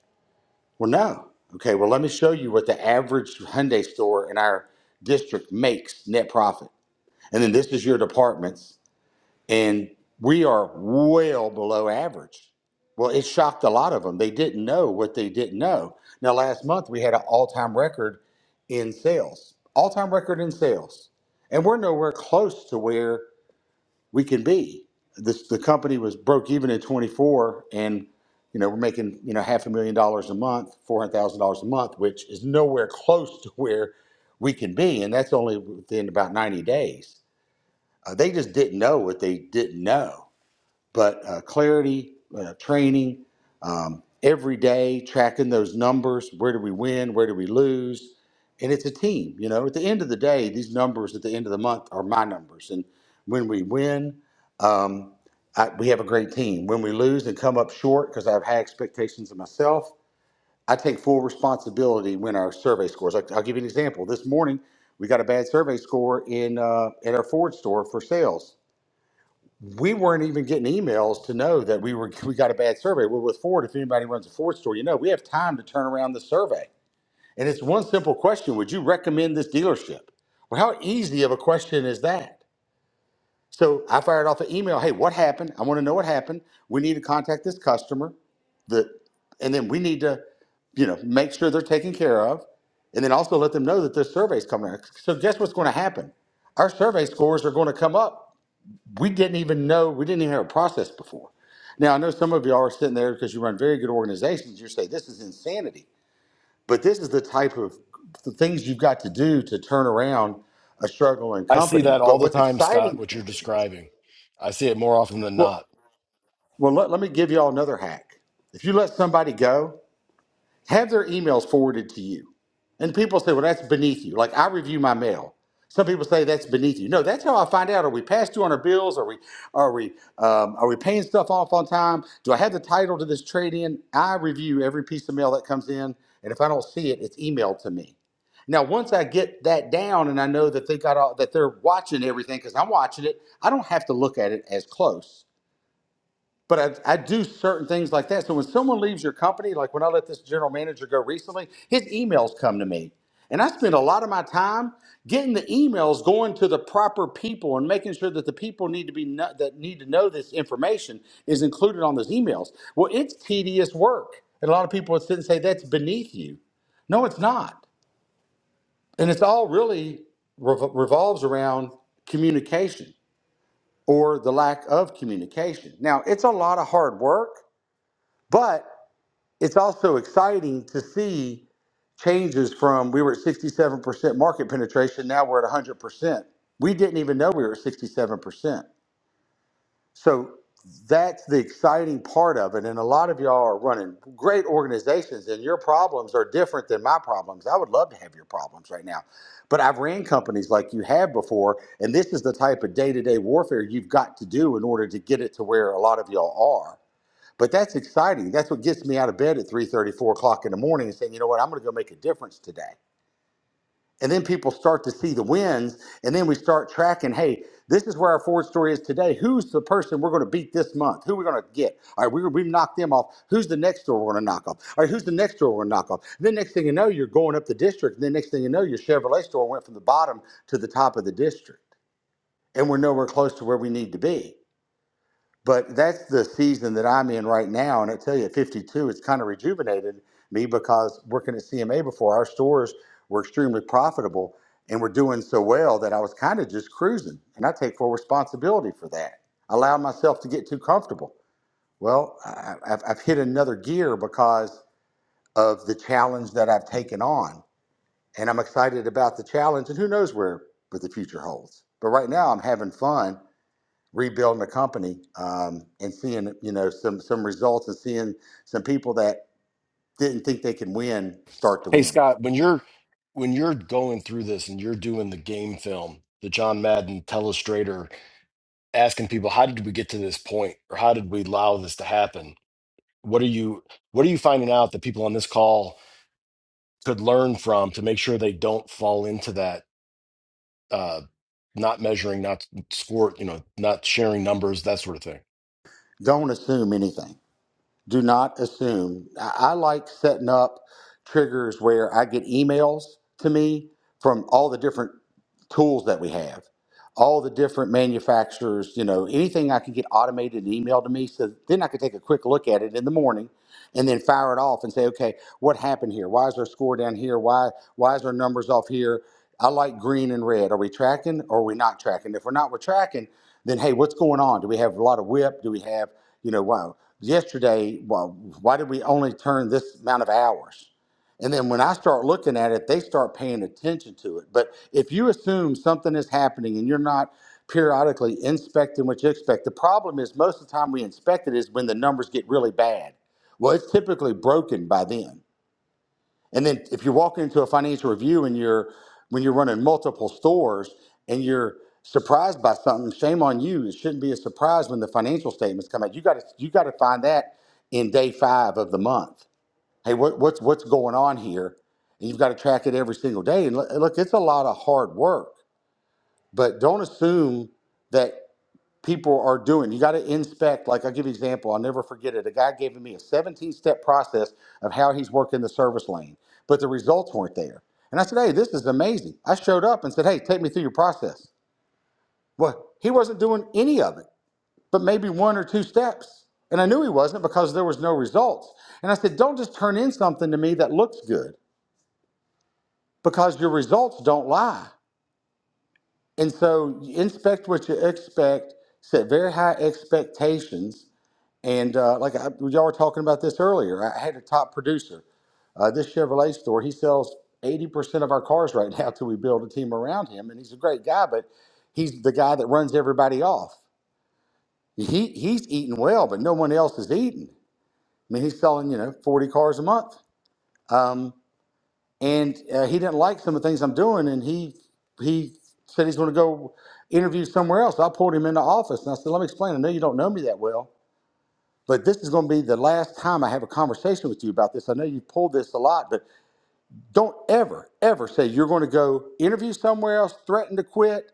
Well, no. Okay, well, let me show you what the average Hyundai store in our district makes net profit. And then this is your departments, and we are well below average. Well, it shocked a lot of them. They didn't know what they didn't know. Now, last month we had an all time record in sales, all time record in sales. And we're nowhere close to where we can be. This the company was broke even at 24, and you know we're making you know half a million dollars a month, four hundred thousand dollars a month, which is nowhere (laughs) close to where we can be, and that's only within about 90 days. Uh, they just didn't know what they didn't know, but uh, clarity, uh, training, um, every day tracking those numbers. Where do we win? Where do we lose? And it's a team. You know, at the end of the day, these numbers at the end of the month are my numbers. And when we win, um, I, we have a great team. When we lose and come up short because I have high expectations of myself, I take full responsibility when our survey scores. I, I'll give you an example. This morning, we got a bad survey score in uh, at our Ford store for sales we weren't even getting emails to know that we were we got a bad survey. Well, with Ford, if anybody runs a Ford store, you know we have time to turn around the survey. And it's one simple question: Would you recommend this dealership? Well, how easy of a question is that? So I fired off an email. Hey, what happened? I want to know what happened. We need to contact this customer. The and then we need to, you know, make sure they're taken care of, and then also let them know that this survey's coming. out. So guess what's going to happen? Our survey scores are going to come up we didn't even know we didn't even have a process before now i know some of you are sitting there because you run very good organizations you are saying this is insanity but this is the type of the things you've got to do to turn around a struggling
I see
company
that all
but
the
what's
time, Scott,
exciting
what you're describing. I see it more often than
well
not.
well let, let me give you all another hack if you let somebody go have their emails forwarded to you. And people say, well, that's beneath you. Like I review my mail. Some people say that's beneath you. No, that's how I find out. Are we past due on our bills? Are we are we um, are we paying stuff off on time? Do I have the title to this trade in? I review every piece of mail that comes in, and if I don't see it, it's emailed to me. Now, once I get that down and I know that they got all that they're watching everything because I'm watching it, I don't have to look at it as close but I, I do certain things like that. So when someone leaves your company, like when I let this general manager go recently, his emails come to me. And I spend a lot of my time getting the emails going to the proper people and making sure that the people need to be kno- that need to know this information is included on those emails. Well, it's tedious work. And a lot of people would sit and say that's beneath you. No, it's not. And it's all really rev- revolves around communication or the lack of communication. Now, it's a lot of hard work. But it's also exciting to see changes from we were at 67% market penetration, now we're at 100%. We didn't even know we were at 67%. So that's the exciting part of it. And a lot of y'all are running great organizations, and your problems are different than my problems. I would love to have your problems right now. But I've ran companies like you have before, and this is the type of day to day warfare you've got to do in order to get it to where a lot of y'all are. But that's exciting. That's what gets me out of bed at three thirty, four o'clock in the morning and saying, you know what, I'm going to go make a difference today. And then people start to see the wins. And then we start tracking hey, this is where our forward story is today. Who's the person we're going to beat this month? Who are we going to get? All right, we, we've knocked them off. Who's the next door we're going to knock off? All right, who's the next door we're going to knock off? And then next thing you know, you're going up the district. And then next thing you know, your Chevrolet store went from the bottom to the top of the district. And we're nowhere close to where we need to be. But that's the season that I'm in right now. And I tell you, at 52, it's kind of rejuvenated me because working at CMA before, our stores were extremely profitable and were doing so well that I was kind of just cruising. And I take full responsibility for that. I allowed myself to get too comfortable. Well, I, I've, I've hit another gear because of the challenge that I've taken on. And I'm excited about the challenge, and who knows where what the future holds. But right now, I'm having fun rebuilding a company um, and seeing you know some some results and seeing some people that didn't think they could win start to
Hey,
win.
Scott, when you're when you're going through this and you're doing the game film, the John Madden telestrator asking people how did we get to this point or how did we allow this to happen what are you what are you finding out that people on this call could learn from to make sure they don't fall into that uh not measuring not score you know not sharing numbers that sort of thing
Don't assume anything do not assume. I, I like setting up triggers where I get emails to me from all the different tools that we have, all the different manufacturers, you know, anything I can get automated and emailed to me. So then I can take a quick look at it in the morning and then fire it off and say, okay, what happened here? Why is our score down here? Why why is our numbers off here? I like green and red. Are we tracking or are we not tracking? If we're not, we're tracking, then hey, what's going on? Do we have a lot of whip? Do we have, you know, wow yesterday, well, why did we only turn this amount of hours? And then when I start looking at it, they start paying attention to it. But if you assume something is happening and you're not periodically inspecting what you expect, the problem is most of the time we inspect it is when the numbers get really bad. Well, it's typically broken by then. And then if you're walking into a financial review and you're when you're running multiple stores and you're surprised by something, shame on you. It shouldn't be a surprise when the financial statements come out. You got to you got to find that in day five of the month. Hey, what, what's what's going on here? And you've got to track it every single day. And look, look, it's a lot of hard work, but don't assume that people are doing. You got to inspect. Like I'll give you an example. I'll never forget it. A guy gave me a 17 step process of how he's working the service lane, but the results weren't there. And I said, "Hey, this is amazing." I showed up and said, "Hey, take me through your process." Well, he wasn't doing any of it, but maybe one or two steps. And I knew he wasn't because there was no results. And I said, "Don't just turn in something to me that looks good because your results don't lie." And so you inspect what you expect, set very high expectations, And uh, like I, y'all were talking about this earlier, I had a top producer. Uh, this Chevrolet store, he sells 80% of our cars right (laughs) now till we build a team around him. And he's a great guy, but he's the guy that runs everybody off. He, he's eating well, but no one else is eating. I mean, he's selling, you know, 40 cars a month. Um, and uh, he didn't like some of the things I'm doing. And he, he said he's going to go interview somewhere else. I pulled him into office and I said, let me explain. I know you don't know me that well But this is going to be the last time I have a conversation with you about this. I know you've pulled this a lot, but don't ever, ever say you're going to go interview somewhere else, threaten to quit.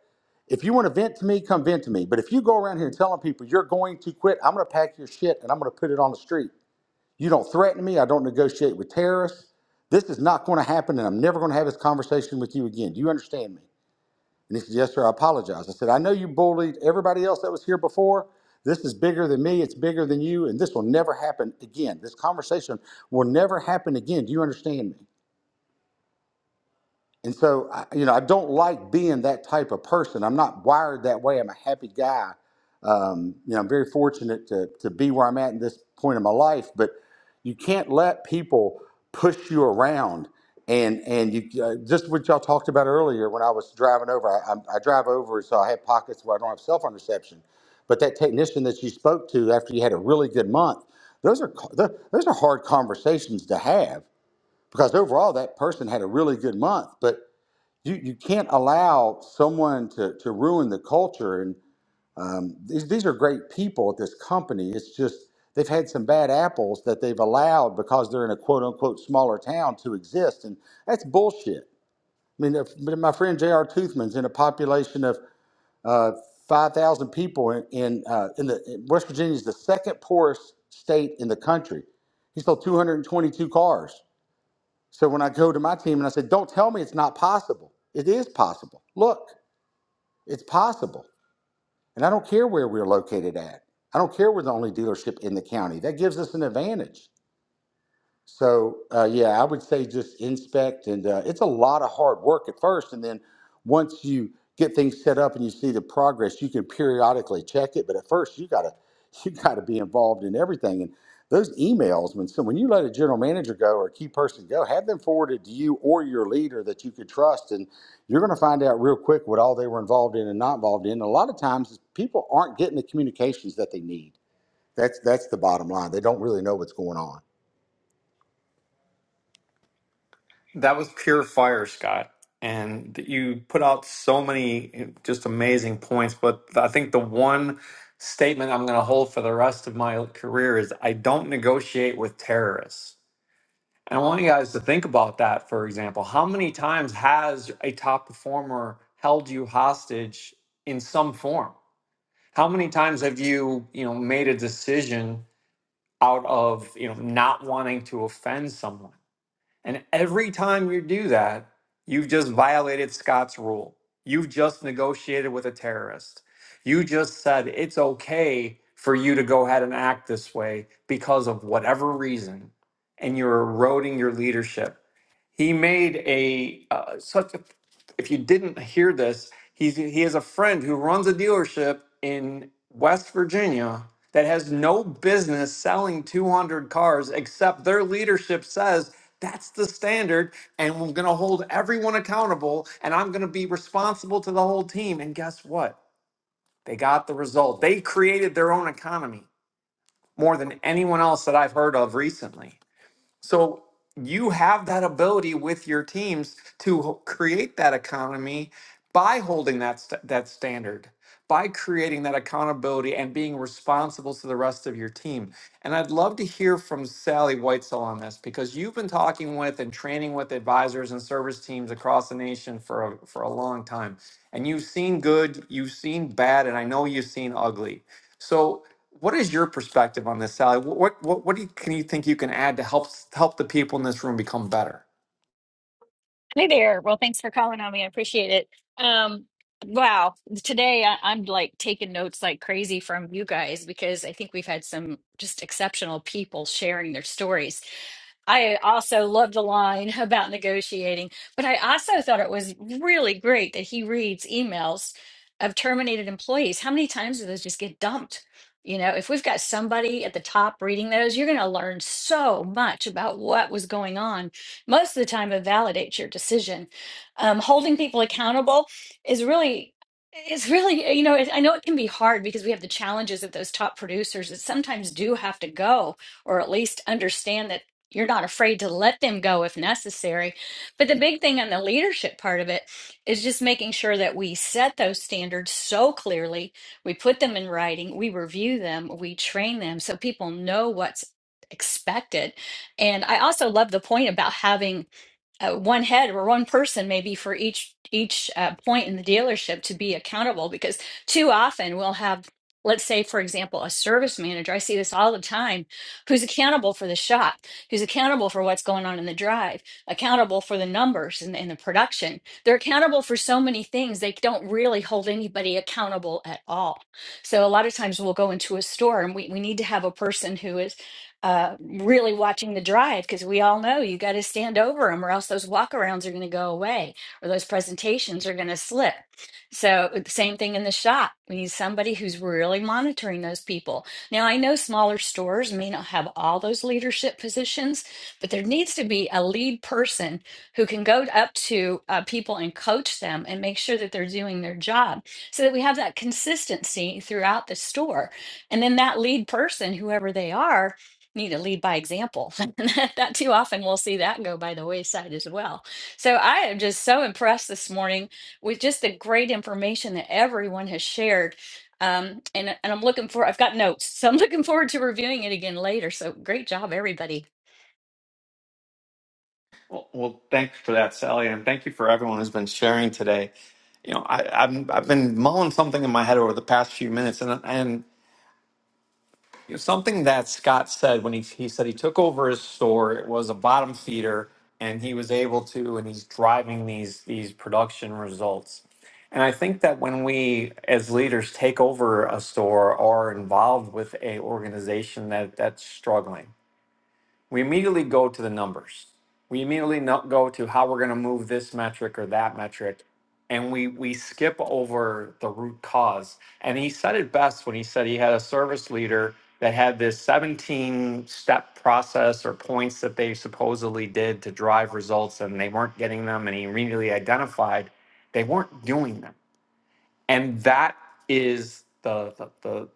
If you want to vent to me, come vent to me. But if you go around here and telling people you're going to quit, I'm going to pack your shit and I'm going to put it on the street. You don't threaten me. I don't negotiate with terrorists. This is not going to happen, and I'm never going to have this conversation with you again. Do you understand me? And he said, Yes, sir, I apologize. I said, I know you bullied everybody else that was here before. This is bigger than me. It's bigger than you. And this will never happen again. This conversation will never happen again. Do you understand me? And so, I- you know, I don't like being that type of person. I'm not wired that way. I'm a happy guy. Um, you know, I'm very fortunate to, to be where I'm at in this point in my life, but you can't let people push you around. And, and you uh, just what y'all talked about earlier when I was driving over, I, I, I drive over, so I have pockets where I don't have cell phone reception. But that technician that you spoke to after you had a really good month, those are co- th- those are hard conversations to have because overall that person had a really good month, but you, you can't allow someone to, to ruin the culture. And um, these, these are great people at this company. It's just they've had some bad apples that they've allowed because they're in a quote unquote smaller town to exist. And that's bullshit. I mean, if, but my friend J.R. Toothman's in a population of uh, 5,000 people in, in, uh, in the in West Virginia is the second poorest state in the country. He sold 222 cars. So when I go to my team and I said, don't tell me it's not possible. It is possible. Look, it's possible. And I don't care where we're located at. I don't care we're the only dealership in the county. That gives us an advantage. So uh, yeah, I would say just inspect, and uh, it's a lot of hard work at first, and then once you get things set up and you see the progress, you can periodically check it. But at first, you gotta (laughs) you gotta be involved in everything. And those emails, when so when you let a general manager go or a key person go, have them forwarded to you or your leader that you could trust, and you're gonna find out real quick what all they were involved in and not involved in. And a lot of times, people aren't getting the communications that they need. That's that's the bottom line. They don't really know what's going on.
That was pure fire, Scott. And th- you put out so many eh, just amazing points. But I think the one statement I'm going to hold for the rest of my career is I don't negotiate with terrorists. And I want you guys to think about that, for example. How many times has a top performer held you hostage in some form? How many times have you, you know, made a decision out of, you know, not wanting to offend someone? And every time you do that, you've just violated Scott's rule. You've just negotiated with a terrorist. You just said it's okay for you to go ahead and act this way because of whatever reason, and you're eroding your leadership he made a uh, such a if you didn't hear this he's he has a friend who runs a dealership in west virginia that has no business selling 200 cars except their leadership says that's the standard and i'm going to hold everyone accountable and i'm going to be responsible to the whole team and guess what they got the result they created their own economy more than anyone else that i've heard of recently so you have that ability with your teams to h- create that economy by holding that st- that standard, by creating that accountability and being responsible to the rest of your team. And I'd love to hear from Sally Whitesell on this because you've been talking with and training with advisors and service teams across the nation for a, for a long time. And you've seen good, you've seen bad, and I know you've seen ugly. So, what is your perspective on this, Sally? Wh- What what what do you, can you think you can add to help help the people in this room become better?
Hey there. Well, thanks for calling on me. I appreciate it. Um, wow, today I, I'm like taking notes like crazy from you guys because I think we've had some just exceptional people sharing their stories. I also love the line (laughs) about negotiating, but I also thought it was really great that he reads emails of terminated employees. How many times do those just get dumped? You know, if we've got somebody at the top reading those, you're going to learn so much about what was going on most of the time it validates your decision um, holding people accountable is really it's really eh, you know it, i know it can be hard because we have the challenges of those top producers that sometimes do have to go or at least understand that you're not afraid to let them go if necessary but the big thing on the leadership part of it is just making sure that we set those standards so clearly we put them in writing we review them we train them so people know what's expected and I also love the point about having uh, one head or one person maybe for each each uh, point in the dealership to be accountable because too often we'll have let's say for example a service manager I see this all the time who's accountable for the shop who's accountable for what's going on in the drive accountable for the numbers and, and the production they're accountable for so many things they don't really hold anybody accountable at all so a lot of times we'll go into a store and we, we need to have a person who is uh, really watching the drive because we all know you got to stand over them or else those walkarounds are going to go away or those presentations are going to slip. So, the same thing in the shop. We need somebody who's really monitoring those people. Now, I know smaller stores may not have all those leadership positions, but there needs to be a lead person who can go up to uh, people and coach them and make sure that they're doing their job so that we have that consistency throughout the store. And then that lead person, whoever they are, need to lead by example. (laughs) Not too often we'll see that go by the wayside as well. So I am just so impressed this morning with just the great information that everyone has shared. Um, and, uh, and I'm looking for, I've got notes, so I'm (laughs) looking forward to reviewing it again later. So great job, everybody.
Well, well, thanks for that, Sally, and thank you for everyone who's been sharing today. You know, I, I've I've been mulling something in my head over the past few minutes, and and You know, something that Scott said when he, he said he took over his store, it was a bottom feeder, and he was able to, and he's driving these these production results. And I think that when we as leaders take over a store or are involved with a organization that that's struggling, we immediately go to the numbers. We immediately no- go to how we're going to move this metric or that metric, and we we skip over the root cause. And he said it best when he said he had a service leader that had this 17 step process or points that they supposedly did to drive results and they weren't getting them and he immediately identified they weren't doing them and that is the, the, the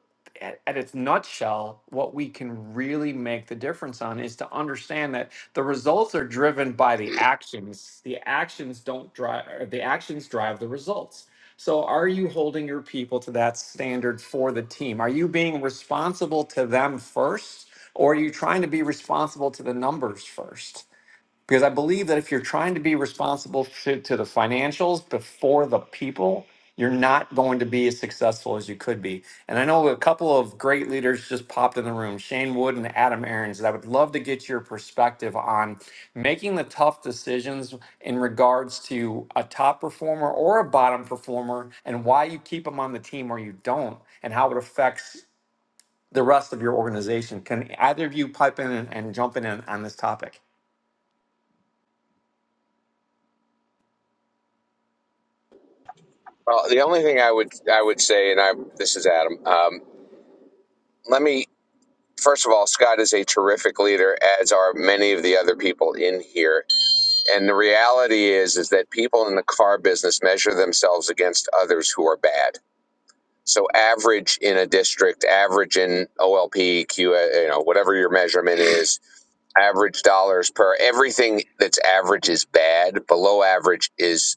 at at its nutshell, what we can really make the difference on is to understand that the results are driven by the actions. The actions don't drive, or the actions drive the results. So, are you holding your people to that standard for the team? Are you being responsible to them first, or are you trying to be responsible to the numbers first? because I believe that if you're trying to be responsible to, to the financials before the people, you're not going to be as successful as you could be. And I know a couple of great leaders just popped in the room, Shane Wood and Adam Aarons, that I would love to get your perspective on making the tough decisions in regards to a top performer or a bottom performer and why you keep them on the team or you don't and how it affects the rest of your organization. Can either of you pipe in and, and jump in on on this topic?
Well, the only thing I would I would say, and I this is Adam. Um, let me first of all, Scott is a terrific leader, as are many of the other people in here. And the reality is, is that people in the car business measure themselves against others who are bad. So average in a district, average in OLP, Q, uh, you know, whatever your measurement is, average dollars per everything that's average is bad below average is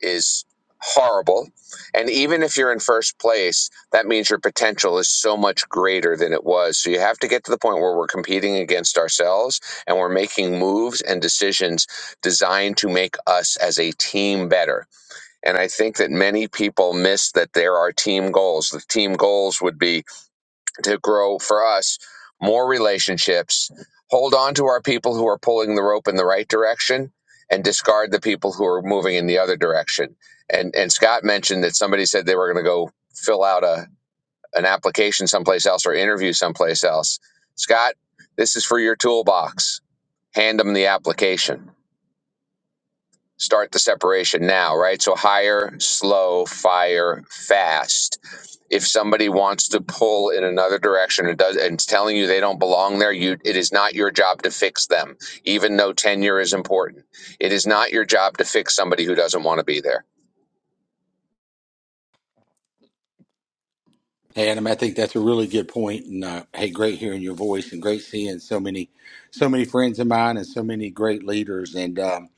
is horrible and even if you're in first place that means your potential is so much greater than it was so you have to get to the point where we're competing against ourselves and we're making moves and decisions designed to make us as a team better and i think that many people miss that there are team goals the team goals would be to grow for us more relationships, hold on to our people who are pulling the rope in the right direction, and discard the people who are moving in the other direction. And and Scott mentioned that somebody said they were going to go fill out a an application someplace else or interview someplace else. Scott, this is for your toolbox. Hand them the application Start the separation now, right? So hire, slow, fire, fast. If somebody wants to pull in another direction and does and it's telling you they don't belong there, you it is not your job to fix them, even though tenure is important. It is not your job to fix somebody who doesn't want to be there.
Hey, Adam, I think that's a really good point. And uh, hey, great hearing your voice, and great seeing so many, so many friends of mine, and so many great leaders. And um,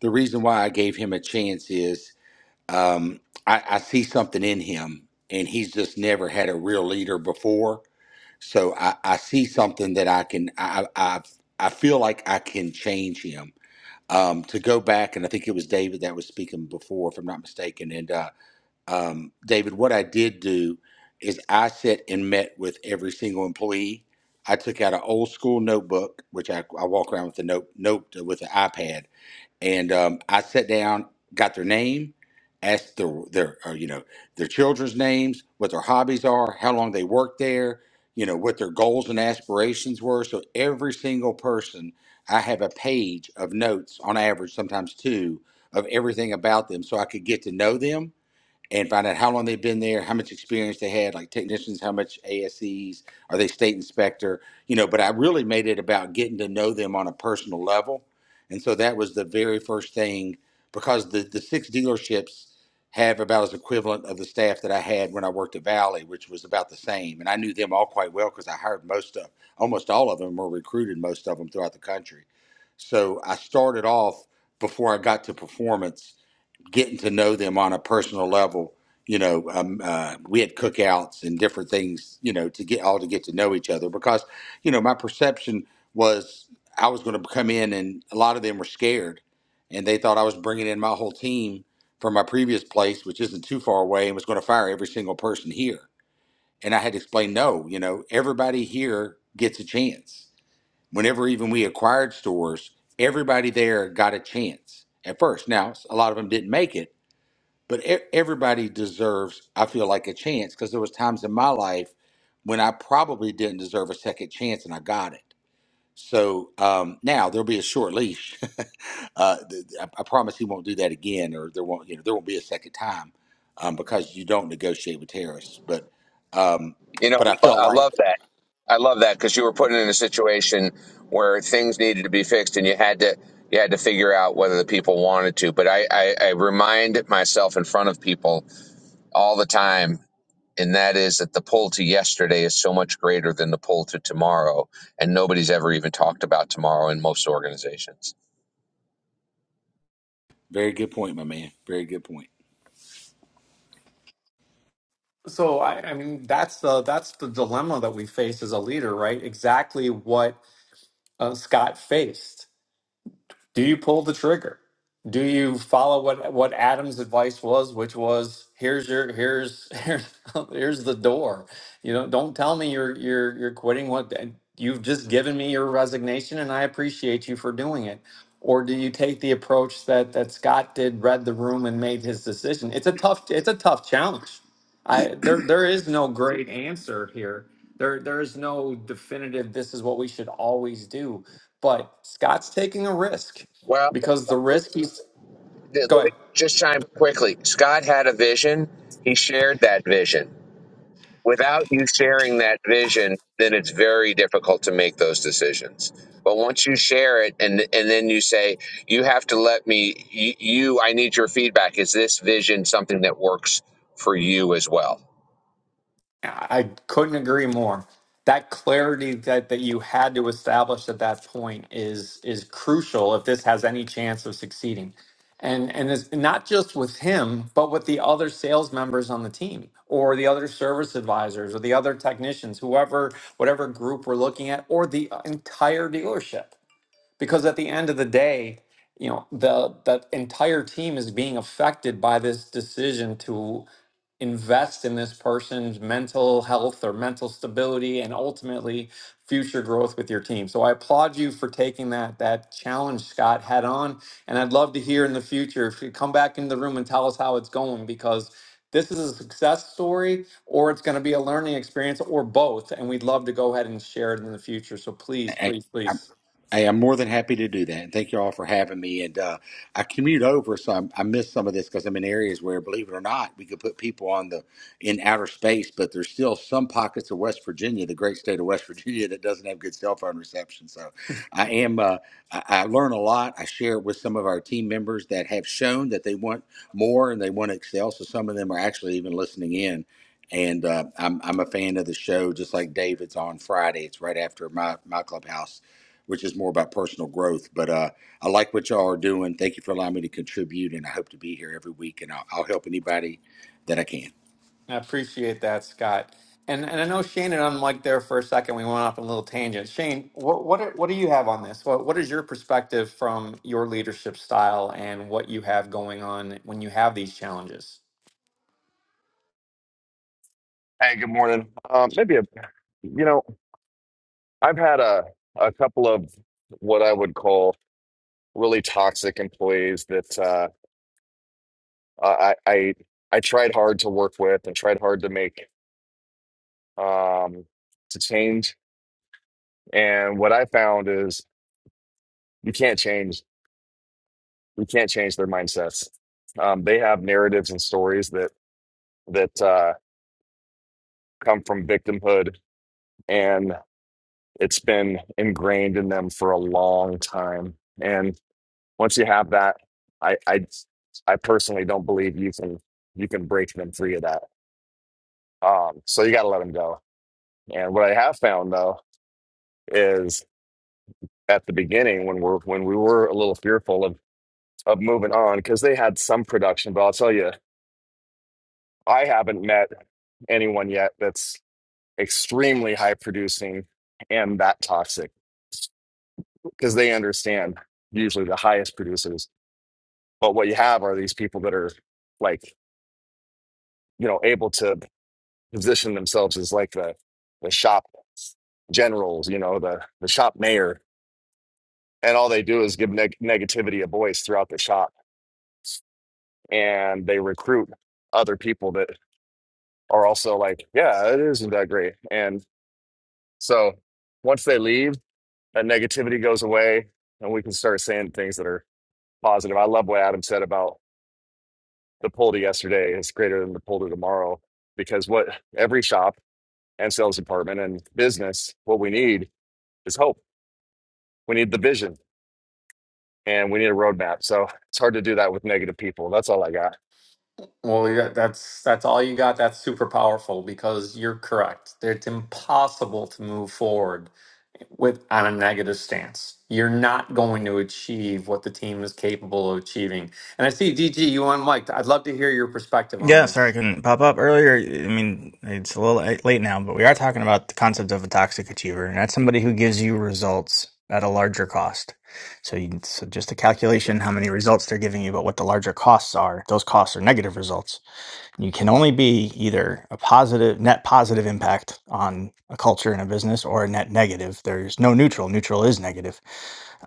the reason why I gave him a chance is um, I, I see something in him, and he's just never had a real leader before. So I, I see something that I can, I, I, I feel like I can change him. Um, to go back, and I think it was David that was speaking before, if I'm not mistaken, and. uh, um, David, what I did do is I sat and met with every single employee. I took out an old school notebook, which I, I walk around with a note, note uh, with an iPad, and um, I sat down, got their name, asked their their uh, you know their children's names, what their hobbies are, how long they worked there, you know what their goals and aspirations were. So every single person, I have a page of notes on average, sometimes two, of everything about them, so I could get to know them and find out how long they've been there, how much experience they had, like technicians, how much ASEs, are they state inspector, you know. But I really made it about getting to know them on a personal level, and so that was the very first thing because the the six dealerships have about as equivalent of the staff that I had when I worked at Valley, which was about the same, and I knew them all quite well because I hired most of almost all of them or recruited most of them throughout the country. So I started off before I got to performance getting to know them on a personal level. You know, um, uh, we had cookouts and different things, you know, to get all to get to know each other because, you know, my perception was I was going to come in and a lot of them were scared and they thought I was bringing in my whole team from my previous place, which isn't too far away, and was going to fire every single person here. And I had to explain, no, you know, everybody here gets a chance. Whenever even we acquired stores, everybody there got a chance at first. Now, a lot of them didn't make it but e- everybody deserves i feel like a chance because there was times in my life when i probably didn't deserve a second chance and i got it so um, now there'll be a short leash (laughs) uh, th- th- I, I promise he won't do that again or there won't you know there won't be a second time um, because you don't negotiate with terrorists but um,
You know,
but i felt
I
like
love that. I love that because you were put in a situation where things needed to be fixed, and you had to you had to figure out whether the people wanted to. But I, I, I remind myself in front of people all the time, and that is that the pull to yesterday is so much greater than the pull to tomorrow, and nobody's ever even talked about tomorrow in most organizations.
very good point my man very good point
So I, I mean that's the that's the dilemma that we face as a leader, right? Exactly what uh, Scott faced. Do you pull the trigger? Do you follow what what Adam's advice was, which was here's your here's (laughs) here's here's the door. You know, don't tell me you're you're you're quitting what you've just given me your resignation and I appreciate you for doing it. Or do you take the approach that that Scott did, read the room and made his decision? It's a tough it's a tough challenge. I there there is no great answer here. There there is no definitive this is what we should always do but Scott's taking a risk
Well,
because the risk he's
th- let
go
me
ahead.
just chime quickly. Scott had a vision. He shared that vision without you sharing that vision, then it's very difficult to make those decisions. But once you share it and and then you say, you have to let me you, you I need your feedback. Is this vision something that works for you as well?
I I couldn't agree more. That clarity that, that you had to establish at that point is is crucial if this has any chance of succeeding. And and it's not just with him, but with the other sales members on the team or the other service advisors or the other technicians, whoever whatever group we're looking at, or the uh, entire dealership because at the end of the day, you know, the the entire team is being affected by this decision to invest in this person's mental health or mental stability and ultimately future growth with your team. So I applaud you for taking that that challenge, Scott, head on. And I'd love to hear in the future if you come back into the room and tell us how it's going because this is a success story or it's going to be a learning experience or both. And we'd love to go ahead and share it in the future. So please, please, please.
Hey, I'm more than happy to do that. And thank you all for having me. And uh, I commute over, so I'm, I miss some of this because I'm in areas where, believe it or not, we could put people on the in outer space, but there's still some pockets of West Virginia, the great state of West Virginia, that doesn't have good cell phone reception. So I am, uh, I, I learn a lot. I share it with some of our team members that have shown that they want more and they want to excel. So some of them are actually even listening in. And uh, I'm, I'm a fan of the show, just like David's on Friday. It's right after my, my clubhouse which is more about personal growth. But uh, I like what y'all are doing. Thank you for allowing me to contribute, and I hope to be here every week. And I'll, I'll help anybody that I can.
I appreciate that, Scott. And and I know Shane and I'm like there for a second. We went off on a little tangent. Shane, what what are, what do you have on this? What what is your perspective from your leadership style and what you have going on when you have these challenges?
Hey, good morning. Um, maybe a, you know, I've had a a couple of what I would call really toxic employees that uh, uh, I I I tried hard to work with and tried hard to make um, to change. And what I found is you can't change you can't change their mindsets. Um, they have narratives and stories that that uh, come from victimhood, and it's been ingrained in them for a long time. And Once you have that, I I I personally don't believe you can you can break them free of that. Um, so you got to let them go. And what I have found though is at the beginning when we're when we were a little fearful of of moving on because they had some production, but I'll tell you, I haven't met anyone yet that's extremely high producing and that toxic because they understand usually the highest producers. But what you have are these people that are like you know able to position themselves as like the the shop generals, you know, the the shop mayor, and all they do is give neg negativity a voice throughout the shop, and they recruit other people that are also like, yeah, it isn't that great, and so once they leave, that negativity goes away, and we can start saying things that are positive. I love what Adam said about the pull to yesterday is greater than the pull to tomorrow because what every shop and sales department and business what we need is hope we need the vision and we need a roadmap. So it's hard to do that with negative people. That's all I got.
Well, yeah, that's that's all you got. That's super powerful because you're correct. It's impossible to move forward with on a negative stance. You're not going to achieve what the team is capable of achieving. And I see DG, you on mic. I'd love to hear your perspective on
Yeah,
this.
sorry I couldn't pop up earlier. I mean, it's a little late late now, but we are talking about the concept of a toxic achiever, and that's somebody who gives you results at a larger cost. So, you, so just a calculation how many results they're giving you, but what the larger costs are. Those costs are negative results you can only be either a positive net positive impact on a culture and a business or a net negative there's no neutral neutral is negative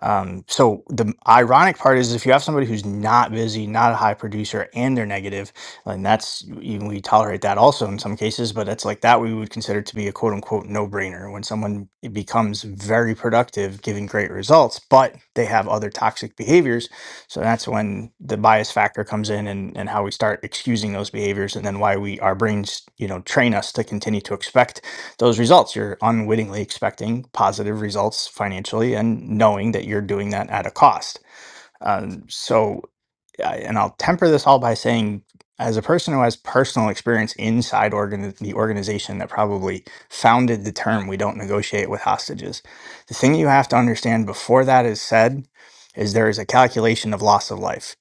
um, so the ironic part is if you have somebody who's not busy not a high producer and they're negative and that's even we tolerate that also in some cases but it's like that we would consider to be a quote unquote no brainer when someone becomes very productive giving great results but they have other toxic behaviors so that's when the bias factor comes in and, and how we start excusing those behaviors and then why we our brains, you know, train us to continue to expect those results. You're unwittingly expecting positive results financially and knowing that you're doing that at a cost. Um, so, I, and I'll temper this all by saying, as a person who has personal experience inside organ- the organization that probably founded the term, we don't negotiate with hostages. The thing you have to understand before that is said is there is a calculation of loss of life.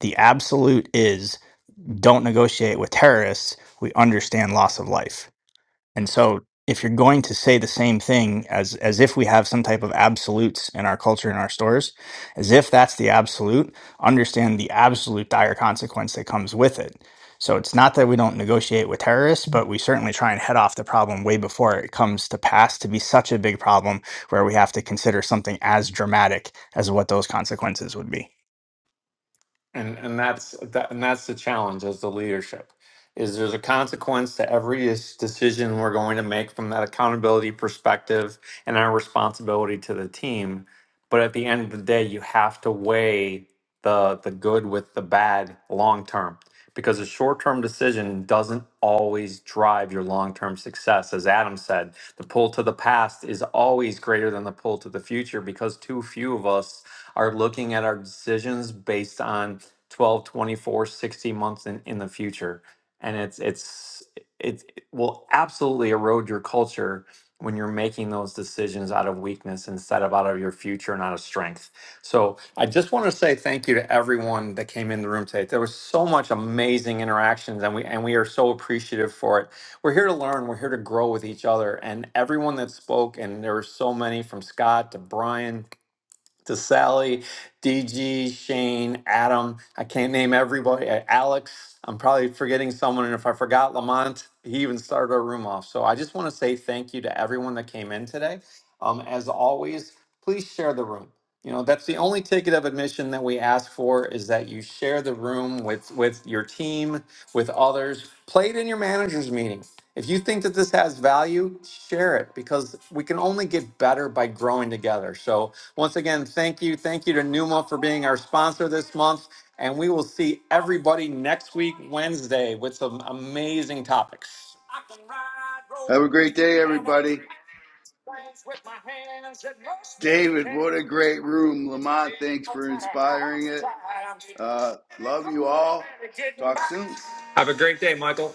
The absolute is don't negotiate with terrorists. We understand loss of life and so if you're going to say the same thing as as if we have some type of absolutes in our culture in our stores, as if that's the absolute, understand the absolute dire consequence that comes with it. So it's not that we don't negotiate with terrorists, but we certainly try and head off the problem way before it comes to pass to be such a big problem where we have to consider something as dramatic as what those consequences would be.
and and that's that, and that's the challenge as the leadership is there's a consequence to every is- decision we're going to make from that accountability perspective and our responsibility to the team but at the end of the day you have to weigh the the good with the bad long term because a short-term decision doesn't always drive your long-term success as adam said the pull to the past is always greater than the pull to the future because too few of us are looking at our decisions based on 12, 24, 60 months in, in the future and it's it's it, it will absolutely erode your culture when you're making those decisions out of weakness instead of out of your future and out of strength. So I just want to say thank you to everyone that came in the room today. There was so much amazing interactions and we and we are so appreciative for it. We're here to learn, we're here to grow with each other and everyone that spoke and there were so many from Scott to Brian to Sally, DG, Shane, Adam. I can't name everybody. uh, Alex, I'm probably forgetting someone. And if I forgot Lamont, he even started our room off. So I just want to say thank you to everyone that came in today. Um, as always, please share the room. You know, that's the only ticket of admission that we ask for is that you share the room with with your team, with others. Play it in your managers meeting. If you think that this has value, share it because we can only get better by growing together. So once again, thank you, thank you to Numa for being our sponsor this month, and we will see everybody next week Wednesday with some amazing topics.
Have a great day, everybody. David, what a great room. Lamont, thanks for inspiring it. Uh, love you all. Talk soon.
Have a great day, Michael.